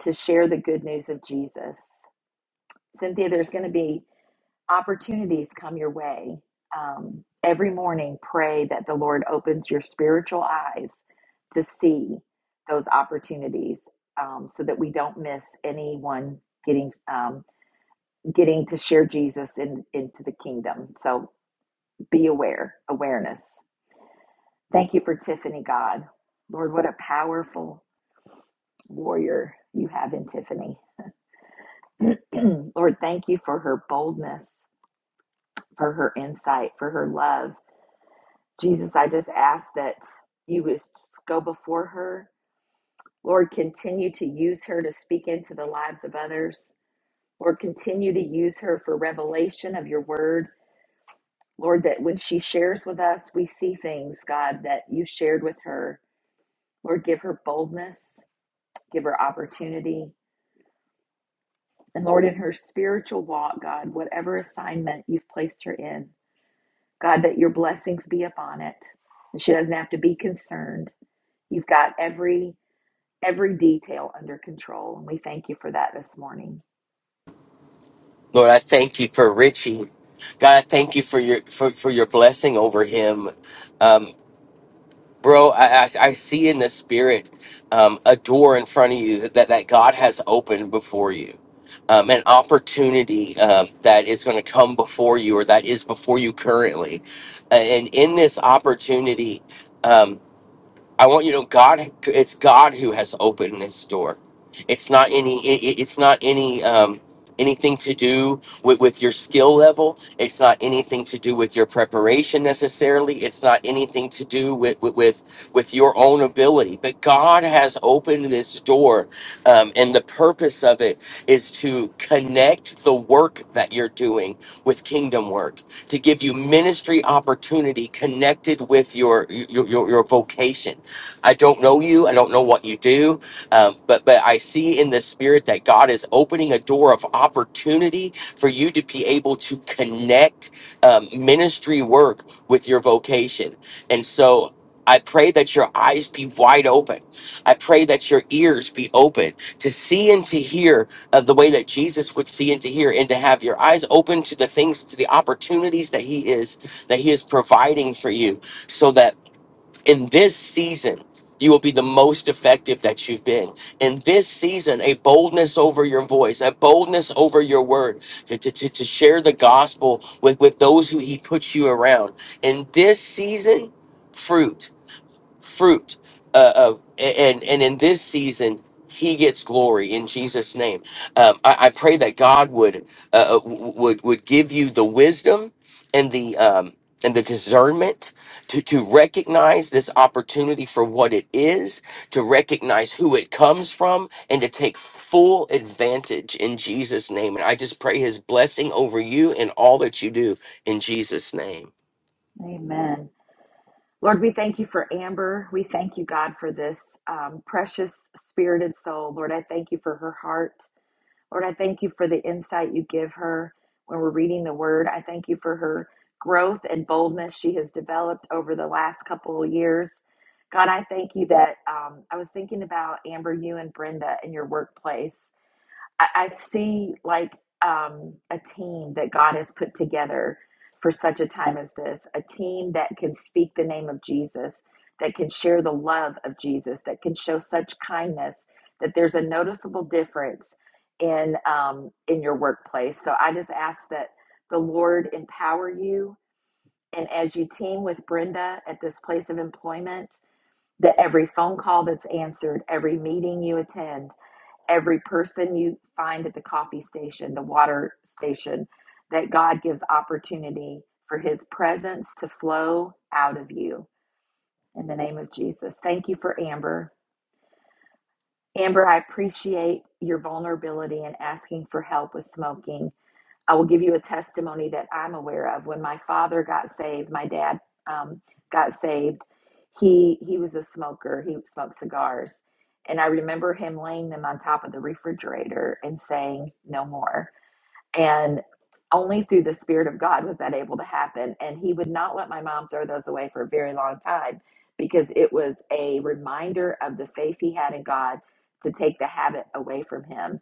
[SPEAKER 1] to share the good news of Jesus. Cynthia, there's going to be opportunities come your way, um, every morning pray that the Lord opens your spiritual eyes to see those opportunities um, so that we don't miss anyone getting um, getting to share Jesus in, into the kingdom. So be aware, awareness. Thank you for Tiffany, God. Lord, what a powerful warrior you have in Tiffany. (clears throat) Lord, thank you for her boldness, for her insight, for her love Jesus, I just ask that you would just go before her. Lord, continue to use her to speak into the lives of others. Lord, continue to use her for revelation of your word. Lord, that when she shares with us, we see things, God, that you shared with her. Lord, give her boldness, give her opportunity. And Lord, in her spiritual walk, God, whatever assignment you've placed her in, God, that your blessings be upon it. And she doesn't have to be concerned. You've got every every detail under control. And we thank you for that this morning.
[SPEAKER 12] Lord, I thank you for Richie. God, I thank you for your for, for your blessing over him. Um, bro I, I I see in the spirit um a door in front of you that that god has opened before you um, an opportunity um, that is going to come before you or that is before you currently and in this opportunity um, I want you to know God. It's God who has opened this door. It's not any. it- it- It's not any. Um, anything to do with, with your skill level. It's not anything to do with your preparation necessarily. It's not anything to do with with with, with your own ability. But God has opened this door, um, and the purpose of it is to connect the work that you're doing with kingdom work to give you ministry opportunity connected with your your your, your vocation I don't know you. I don't know what you do. Um, but but I see in the spirit that God is opening a door of opportunity for you to be able to connect um, ministry work with your vocation. And so I pray that your eyes be wide open. I pray that your ears be open to see and to hear uh, the way that Jesus would see and to hear, and to have your eyes open to the things, to the opportunities that He is that He is providing for you, so that in this season you will be the most effective that you've been in this season a boldness over your voice a boldness over your word to, to, to, to share the gospel with, with those who he puts you around in this season fruit fruit uh, of and and in this season he gets glory in jesus name um, I, I pray that god would uh, uh, w- would would give you the wisdom and the um, and the discernment to, to recognize this opportunity for what it is, to recognize who it comes from, and to take full advantage in Jesus' name. And I just pray his blessing over you and all that you do in Jesus' name.
[SPEAKER 1] Amen. Lord, we thank you for Amber. We thank you, God, for this um, precious spirited soul. Lord, I thank you for her heart. Lord, I thank you for the insight you give her when we're reading the word. I thank you for her growth and boldness she has developed over the last couple of years. God, I thank you that um, I was thinking about Amber, you and Brenda in your workplace. I, I see like um, a team that God has put together for such a time as this, a team that can speak the name of Jesus, that can share the love of Jesus, that can show such kindness that there's a noticeable difference in um, in your workplace. So I just ask that the Lord empower you, and as you team with Brenda at this place of employment, that every phone call that's answered, every meeting you attend every person you find at the coffee station, the water station, that God gives opportunity for his presence to flow out of you in the name of Jesus. Thank you for Amber. Amber, I appreciate your vulnerability and asking for help with smoking. I will give you a testimony that I'm aware of. When my father got saved, my dad um, got saved. He he was a smoker. He smoked cigars, and I remember him laying them on top of the refrigerator and saying, "No more." And only through the Spirit of God was that able to happen. And He would not let my mom throw those away for a very long time because it was a reminder of the faith he had in God to take the habit away from him.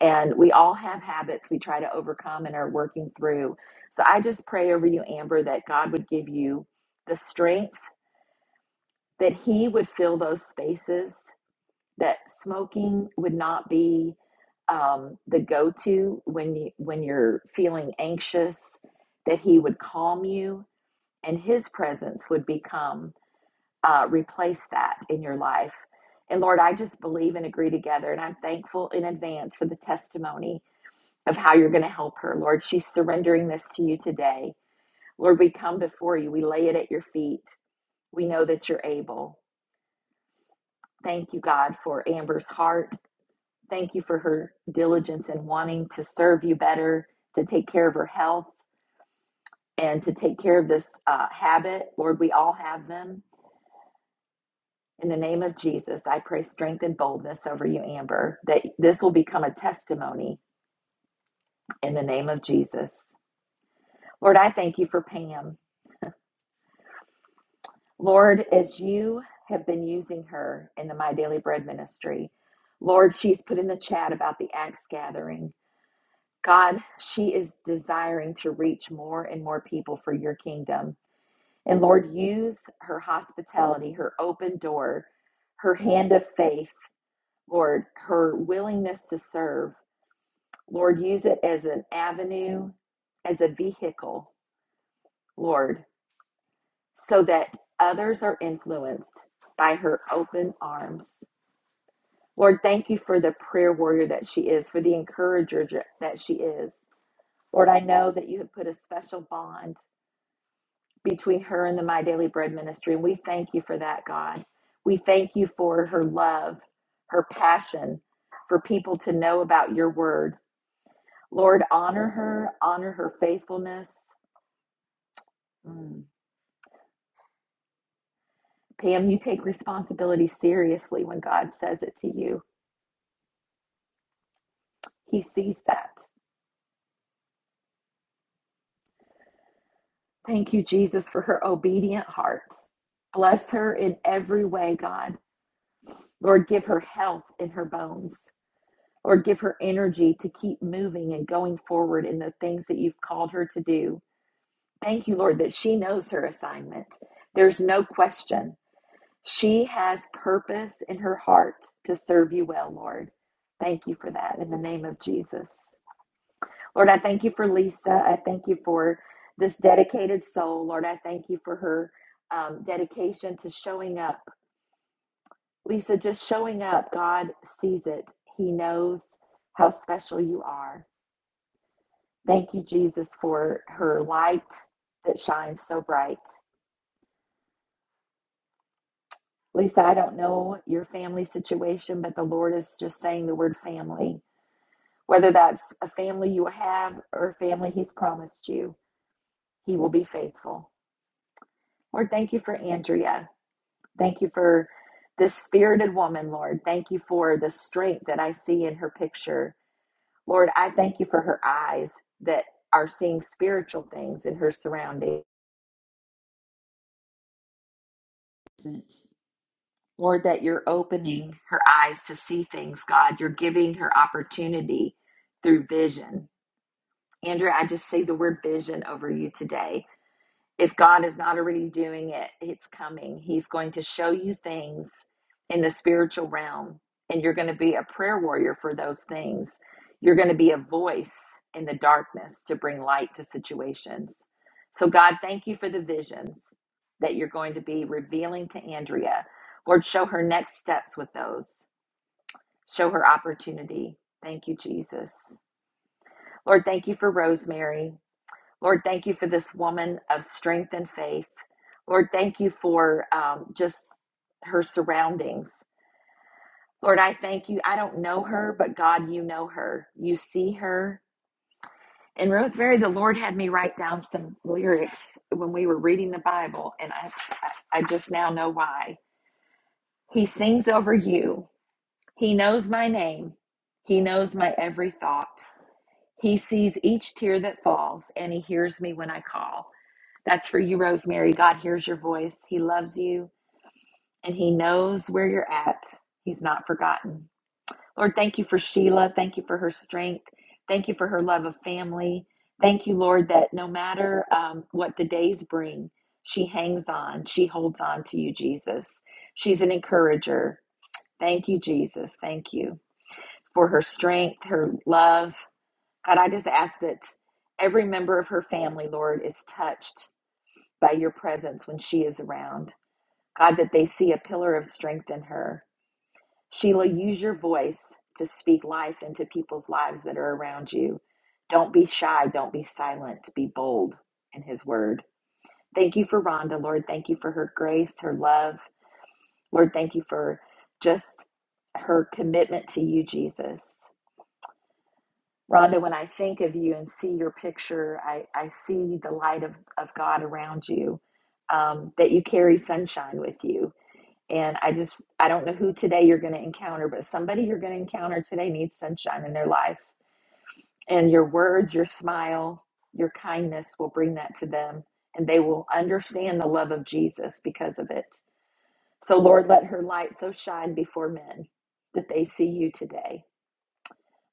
[SPEAKER 1] And we all have habits we try to overcome and are working through. So I just pray over you, Amber, that God would give you the strength, that He would fill those spaces that smoking would not be um, the go-to when you when you're feeling anxious that he would calm you and his presence would become uh, replace that in your life and lord i just believe and agree together and i'm thankful in advance for the testimony of how you're going to help her lord she's surrendering this to you today lord we come before you we lay it at your feet we know that you're able thank you god for amber's heart Thank you for her diligence in wanting to serve you better, to take care of her health, and to take care of this uh, habit. Lord, we all have them. In the name of Jesus, I pray strength and boldness over you, Amber, that this will become a testimony in the name of Jesus. Lord, I thank you for Pam. Lord, as you have been using her in the My Daily Bread ministry, Lord, she's put in the chat about the axe gathering. God, she is desiring to reach more and more people for your kingdom. And Lord, use her hospitality, her open door, her hand of faith, Lord, her willingness to serve. Lord, use it as an avenue, as a vehicle, Lord, so that others are influenced by her open arms. Lord, thank you for the prayer warrior that she is, for the encourager that she is. Lord, I know that you have put a special bond between her and the My Daily Bread ministry. And we thank you for that, God. We thank you for her love, her passion for people to know about your word. Lord, honor her, honor her faithfulness. Mm. Pam, you take responsibility seriously when God says it to you. He sees that. Thank you, Jesus, for her obedient heart. Bless her in every way, God. Lord, give her health in her bones. Or give her energy to keep moving and going forward in the things that you've called her to do. Thank you, Lord, that she knows her assignment. There's no question. She has purpose in her heart to serve you well, Lord. Thank you for that in the name of Jesus. Lord, I thank you for Lisa. I thank you for this dedicated soul. Lord, I thank you for her um, dedication to showing up. Lisa, just showing up, God sees it. He knows how special you are. Thank you, Jesus, for her light that shines so bright. Lisa, I don't know your family situation, but the Lord is just saying the word family. Whether that's a family you have or a family He's promised you, He will be faithful. Lord, thank you for Andrea. Thank you for this spirited woman, Lord. Thank you for the strength that I see in her picture. Lord, I thank you for her eyes that are seeing spiritual things in her surroundings. Lord, that you're opening her eyes to see things, God. You're giving her opportunity through vision. Andrea, I just say the word vision over you today if God is not already doing it, it's coming. He's going to show you things in the spiritual realm, and you're going to be a prayer warrior for those things. You're going to be a voice in the darkness to bring light to situations. So, God, thank you for the visions that you're going to be revealing to Andrea. Lord, show her next steps with those, show her opportunity. Thank you, Jesus. Lord, thank you for Rosemary. Lord, thank you for this woman of strength and faith. Lord, thank you for um, just her surroundings. Lord, I thank you. I don't know her, but God, you know her. You see her. And Rosemary, the Lord had me write down some lyrics when we were reading the Bible, and I, I I just now know why. He sings over you. He knows my name. He knows my every thought. He sees each tear that falls, and He hears me when I call. That's for you, Rosemary. God hears your voice. He loves you, and He knows where you're at. He's not forgotten. Lord, thank you for Sheila. Thank you for her strength. Thank you for her love of family. Thank you, Lord, that no matter um, what the days bring, she hangs on. She holds on to you, Jesus. She's an encourager. Thank you, Jesus. Thank you for her strength, her love, God, I just ask that every member of her family, Lord, is touched by your presence when she is around. God, that they see a pillar of strength in her. Sheila, use your voice to speak life into people's lives that are around you. Don't be shy. Don't be silent. Be bold in his word. Thank you for Rhonda, Lord. Thank you for her grace, her love. Lord, thank you for just her commitment to you, Jesus. Rhonda, when I think of you and see your picture, I, I see the light of, of God around you, um, that you carry sunshine with you. And I just, I don't know who today you're going to encounter, but somebody you're going to encounter today needs sunshine in their life. And your words, your smile, your kindness will bring that to them, and they will understand the love of Jesus because of it. So, Lord, let her light so shine before men that they see you today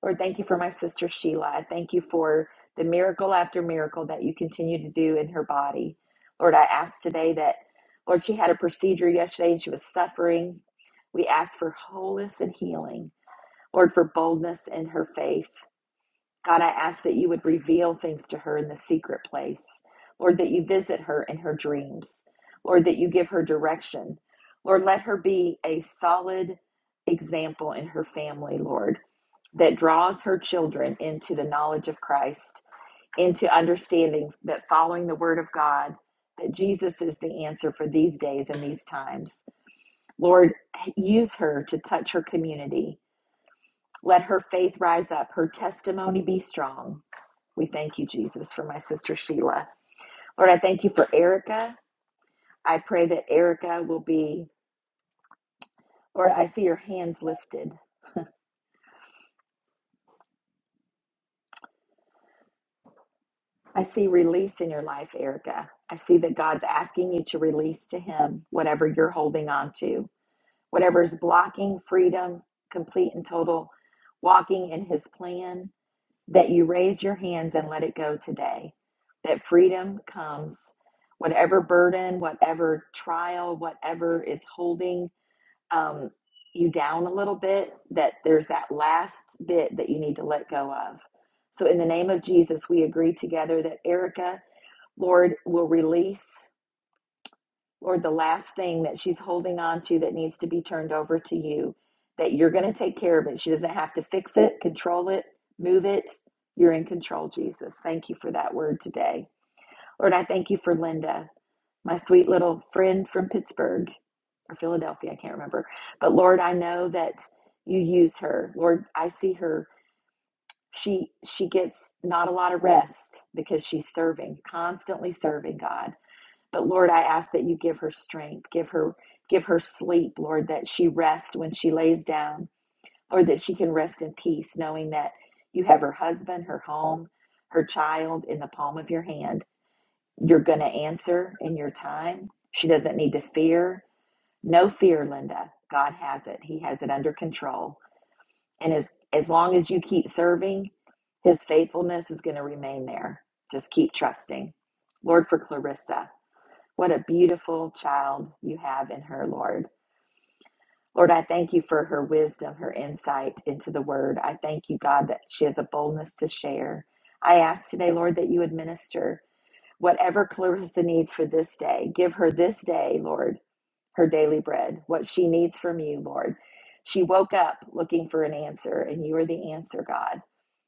[SPEAKER 1] Lord, thank you for my sister Sheila. I thank you for the miracle after miracle that you continue to do in her body. Lord, I ask today that, Lord, she had a procedure yesterday and she was suffering. We ask for wholeness and healing. Lord, for boldness in her faith. God, I ask that you would reveal things to her in the secret place. Lord, that you visit her in her dreams. Lord, that you give her direction. Lord, let her be a solid example in her family, Lord, that draws her children into the knowledge of Christ, into understanding that following the word of God, that Jesus is the answer for these days and these times. Lord, use her to touch her community. Let her faith rise up, her testimony be strong. We thank you, Jesus, for my sister Sheila. Lord, I thank you for Erica. I pray that Erica will be, Lord, I see your hands lifted. I see release in your life, Erica. I see that God's asking you to release to Him whatever you're holding on to, whatever is blocking freedom, complete and total walking in His plan, that you raise your hands and let it go today, that freedom comes. Whatever burden, whatever trial, whatever is holding um, you down a little bit, that there's that last bit that you need to let go of. So, in the name of Jesus, we agree together that Erica, Lord, will release, Lord, the last thing that she's holding on to that needs to be turned over to you, that you're going to take care of it. She doesn't have to fix it, control it, move it. You're in control, Jesus. Thank you for that word today. Lord, I thank you for Linda, my sweet little friend from Pittsburgh or Philadelphia, I can't remember. But Lord, I know that you use her. Lord, I see her. She she gets not a lot of rest because she's serving, constantly serving God. But Lord, I ask that you give her strength, give her give her sleep, Lord, that she rests when she lays down, Lord, that she can rest in peace, knowing that you have her husband, her home, her child in the palm of your hand. You're gonna answer in your time. She doesn't need to fear. No fear, Linda. God has it. He has it under control. And as as long as you keep serving, his faithfulness is going to remain there. Just keep trusting. Lord, for Clarissa, what a beautiful child you have in her, Lord. Lord, I thank you for her wisdom, her insight into the word. I thank you, God, that she has a boldness to share. I ask today, Lord, that you administer whatever Clarissa needs for this day. Give her this day, Lord her daily bread, what she needs from you, Lord. She woke up looking for an answer, and you are the answer, God.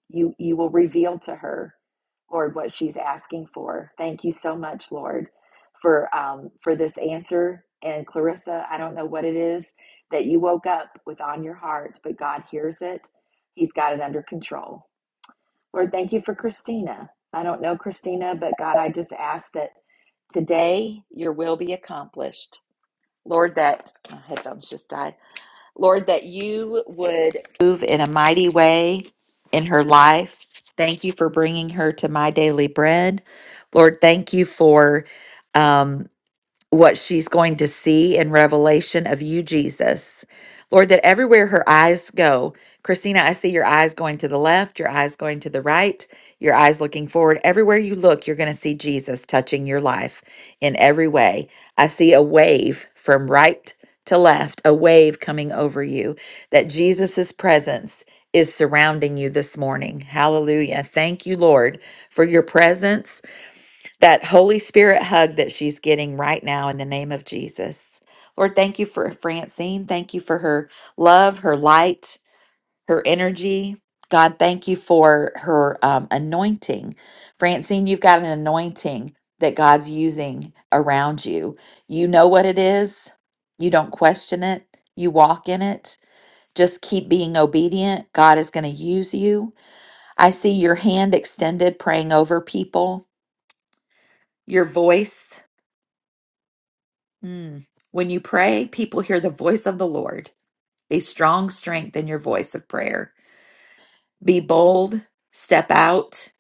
[SPEAKER 1] You, you will reveal to her, Lord, what she's asking for. Thank you so much, Lord, for, um, for this answer. And Clarissa, I don't know what it is that you woke up with on your heart, but God hears it. He's got it under control. Lord, thank you for Christina. I don't know Christina, but God, I just ask that today your will be accomplished. Lord, that my headphones just died. Lord, that you would move in a mighty way in her life. Thank you for bringing her to my daily bread. Lord, thank you for. Um, what she's going to see in Revelation of you, Jesus. Lord, that everywhere her eyes go, Christina, I see your eyes going to the left, your eyes going to the right, your eyes looking forward. Everywhere you look, you're going to see Jesus touching your life in every way. I see a wave from right to left, a wave coming over you, that Jesus' presence is surrounding you this morning. Hallelujah. Thank you, Lord, for your presence that Holy Spirit hug that she's getting right now in the name of Jesus. Lord, thank you for Francine. Thank you for her love, her light, her energy. God, thank you for her um, anointing. Francine, you've got an anointing that God's using around you. You know what it is, you don't question it, you walk in it. Just keep being obedient. God is going to use you. I see your hand extended, praying over people, your voice. Mm. When you pray, people hear the voice of the Lord, a strong strength in your voice of prayer. Be bold, step out.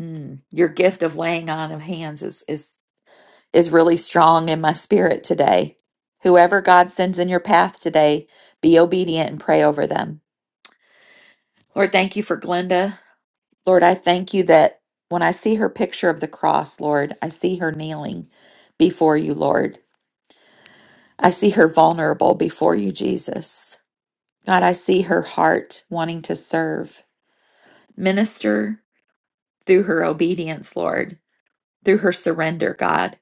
[SPEAKER 1] Mm. Your gift of laying on of hands is, is, is really strong in my spirit today. Whoever God sends in your path today, be obedient and pray over them. Lord, thank you for Glenda. Lord, I thank you that when I see her picture of the cross, Lord, I see her kneeling before you, Lord. I see her vulnerable before you, Jesus. God, I see her heart wanting to serve. Minister through her obedience, Lord, through her surrender, God.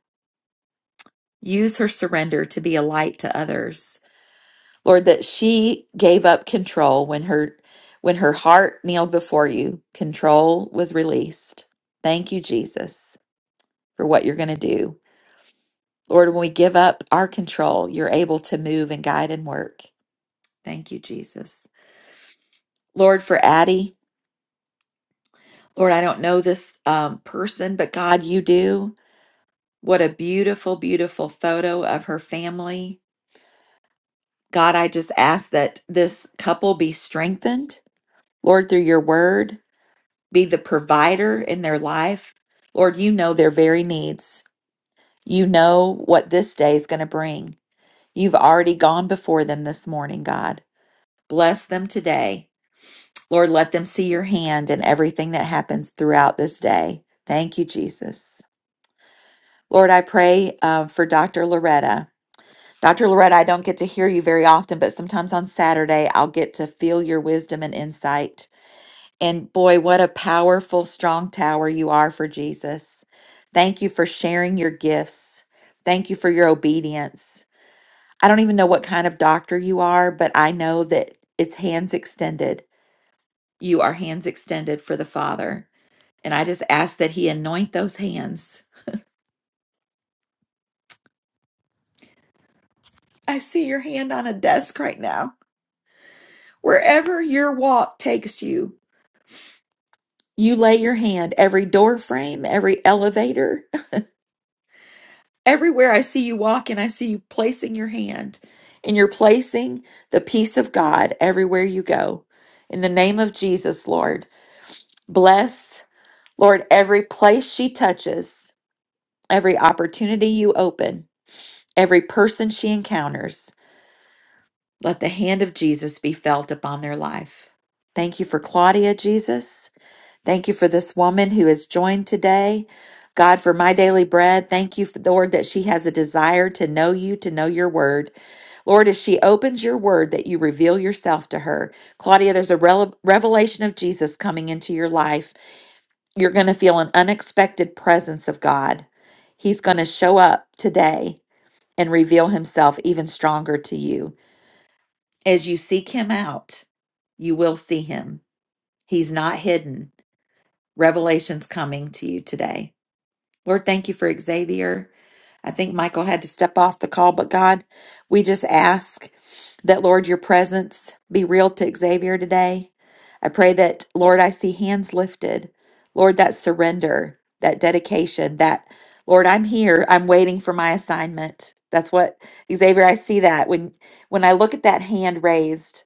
[SPEAKER 1] Use her surrender to be a light to others. Lord, that she gave up control when her when her heart kneeled before you, control was released. Thank you, Jesus, for what you're going to do. Lord, when we give up our control, you're able to move and guide and work. Thank you, Jesus. Lord, for Addie, Lord, I don't know this um, person, but God, you do. What a beautiful, beautiful photo of her family. God, I just ask that this couple be strengthened. Lord, through your word, be the provider in their life. Lord, you know their very needs. You know what this day is going to bring. You've already gone before them this morning, God. Bless them today. Lord, let them see your hand in everything that happens throughout this day. Thank you, Jesus. Lord, I pray uh, for Dr. Loretta. Dr. Loretta, I don't get to hear you very often, but sometimes on Saturday, I'll get to feel your wisdom and insight. And boy, what a powerful, strong tower you are for Jesus. Thank you for sharing your gifts. Thank you for your obedience. I don't even know what kind of doctor you are, but I know that it's hands extended. You are hands extended for the Father. And I just ask that He anoint those hands. I see your hand on a desk right now. Wherever your walk takes you, you lay your hand, every door frame, every elevator, (laughs) everywhere I see you walking, I see you placing your hand. And you're placing the peace of God everywhere you go. In the name of Jesus, Lord, bless, Lord, every place she touches, every opportunity you open, every person she encounters. Let the hand of Jesus be felt upon their life. Thank you for Claudia, Jesus. Thank you for this woman who has joined today. God, for my daily bread, thank you, Lord, that she has a desire to know you, to know your word. Lord, as she opens your word, that you reveal yourself to her. Claudia, there's a rele- revelation of Jesus coming into your life. You're going to feel an unexpected presence of God. He's going to show up today and reveal himself even stronger to you. As you seek him out, you will see him. He's not hidden. Revelation's coming to you today. Lord, thank you for Xavier. I think Michael had to step off the call, but God, we just ask that, Lord, your presence be real to Xavier today. I pray that, Lord, I see hands lifted. Lord, that surrender, that dedication, that, Lord, I'm here. I'm waiting for my assignment. That's what, Xavier, I see that. When, when I look at that hand raised,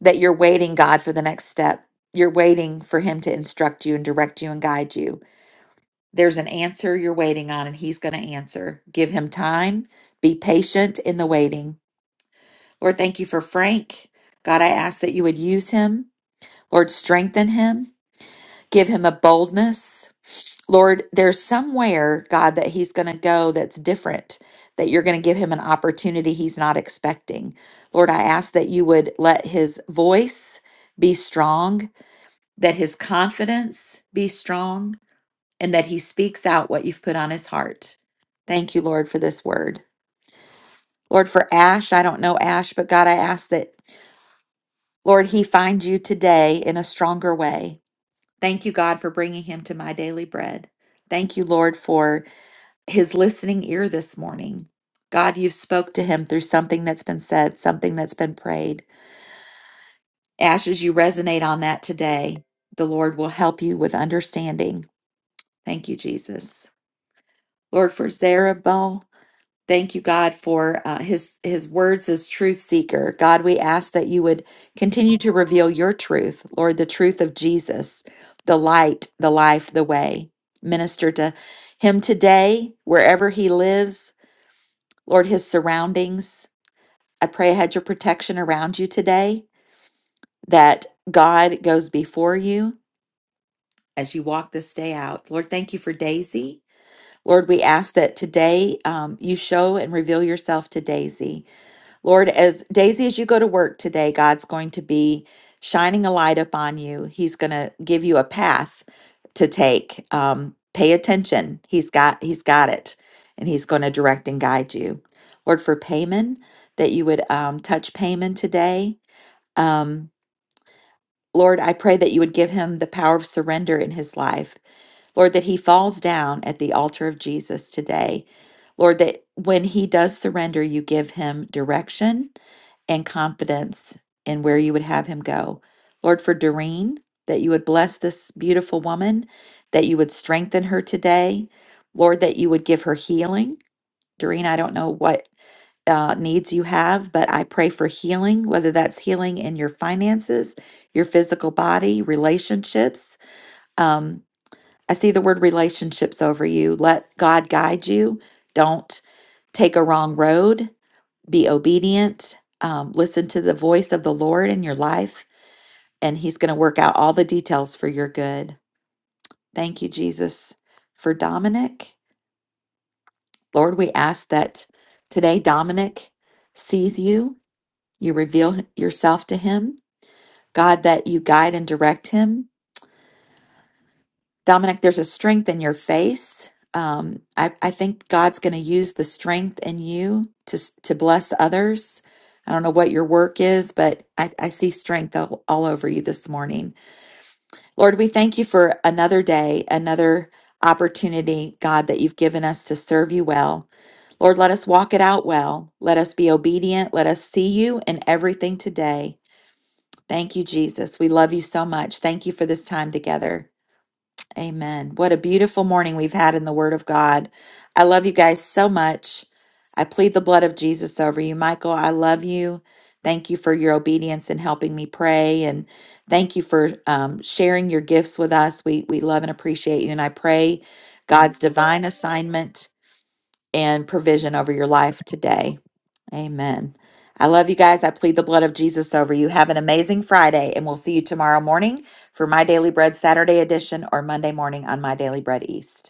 [SPEAKER 1] that you're waiting, God, for the next step. You're waiting for him to instruct you and direct you and guide you. There's an answer you're waiting on, and He's going to answer. Give Him time. Be patient in the waiting. Lord, thank you for Frank. God, I ask that you would use him. Lord, strengthen him. Give him a boldness. Lord, there's somewhere, God, that he's going to go that's different, that you're going to give him an opportunity he's not expecting. Lord, I ask that you would let his voice be strong, that his confidence be strong and that he speaks out what you've put on his heart. Thank you, Lord, for this word. Lord, for Ash, I don't know Ash, but God, I ask that, Lord, he finds you today in a stronger way. Thank you, God, for bringing him to my daily bread. Thank you, Lord, for his listening ear this morning. God, you've spoke to him through something that's been said, something that's been prayed. Ash, as you resonate on that today, the Lord will help you with understanding. Thank you, Jesus. Lord, for Zerubbabel, Thank you, God, for uh, His His words as truth seeker. God, we ask that you would continue to reveal your truth, Lord, the truth of Jesus, the light, the life, the way. Minister to him today, wherever he lives, Lord, his surroundings. I pray a hedge of protection around you today. That God goes before you as you walk this day out. Lord, thank you for Daisy. Lord, we ask that today um, you show and reveal yourself to Daisy Lord, as Daisy, as you go to work today, God's going to be shining a light upon you. He's going to give you a path to take. Um, pay attention. He's got He's got it, and He's going to direct and guide you. Lord, for Payman, that you would um, touch Payman today. Um, Lord, I pray that you would give him the power of surrender in his life Lord, that he falls down at the altar of Jesus today. Lord, that when he does surrender, you give him direction and confidence in where you would have him go. Lord, for Doreen, that you would bless this beautiful woman, that you would strengthen her today. Lord, that you would give her healing. Doreen, I don't know what uh, needs you have, but I pray for healing, whether that's healing in your finances, your physical body, relationships. um. I see the word relationships over you. Let God guide you. Don't take a wrong road. Be obedient. Um, listen to the voice of the Lord in your life, and He's going to work out all the details for your good. Thank you, Jesus, for Dominic. Lord, we ask that today Dominic sees you, you reveal yourself to him. God, that you guide and direct him Dominic, there's a strength in your face. Um, I, I think God's going to use the strength in you to s- to bless others. I don't know what your work is, but I, I see strength all, all over you this morning. Lord, we thank you for another day, another opportunity, God, that you've given us to serve you well. Lord, let us walk it out well. Let us be obedient. Let us see you in everything today. Thank you, Jesus. We love you so much. Thank you for this time together. Amen. What a beautiful morning we've had in the Word of God. I love you guys so much. I plead the blood of Jesus over you. Michael, I love you. Thank you for your obedience and helping me pray. And thank you for um, sharing your gifts with us. We, we love and appreciate you. And I pray God's divine assignment and provision over your life today. Amen. I love you guys. I plead the blood of Jesus over you. Have an amazing Friday, and we'll see you tomorrow morning for My Daily Bread Saturday edition or Monday morning on My Daily Bread East.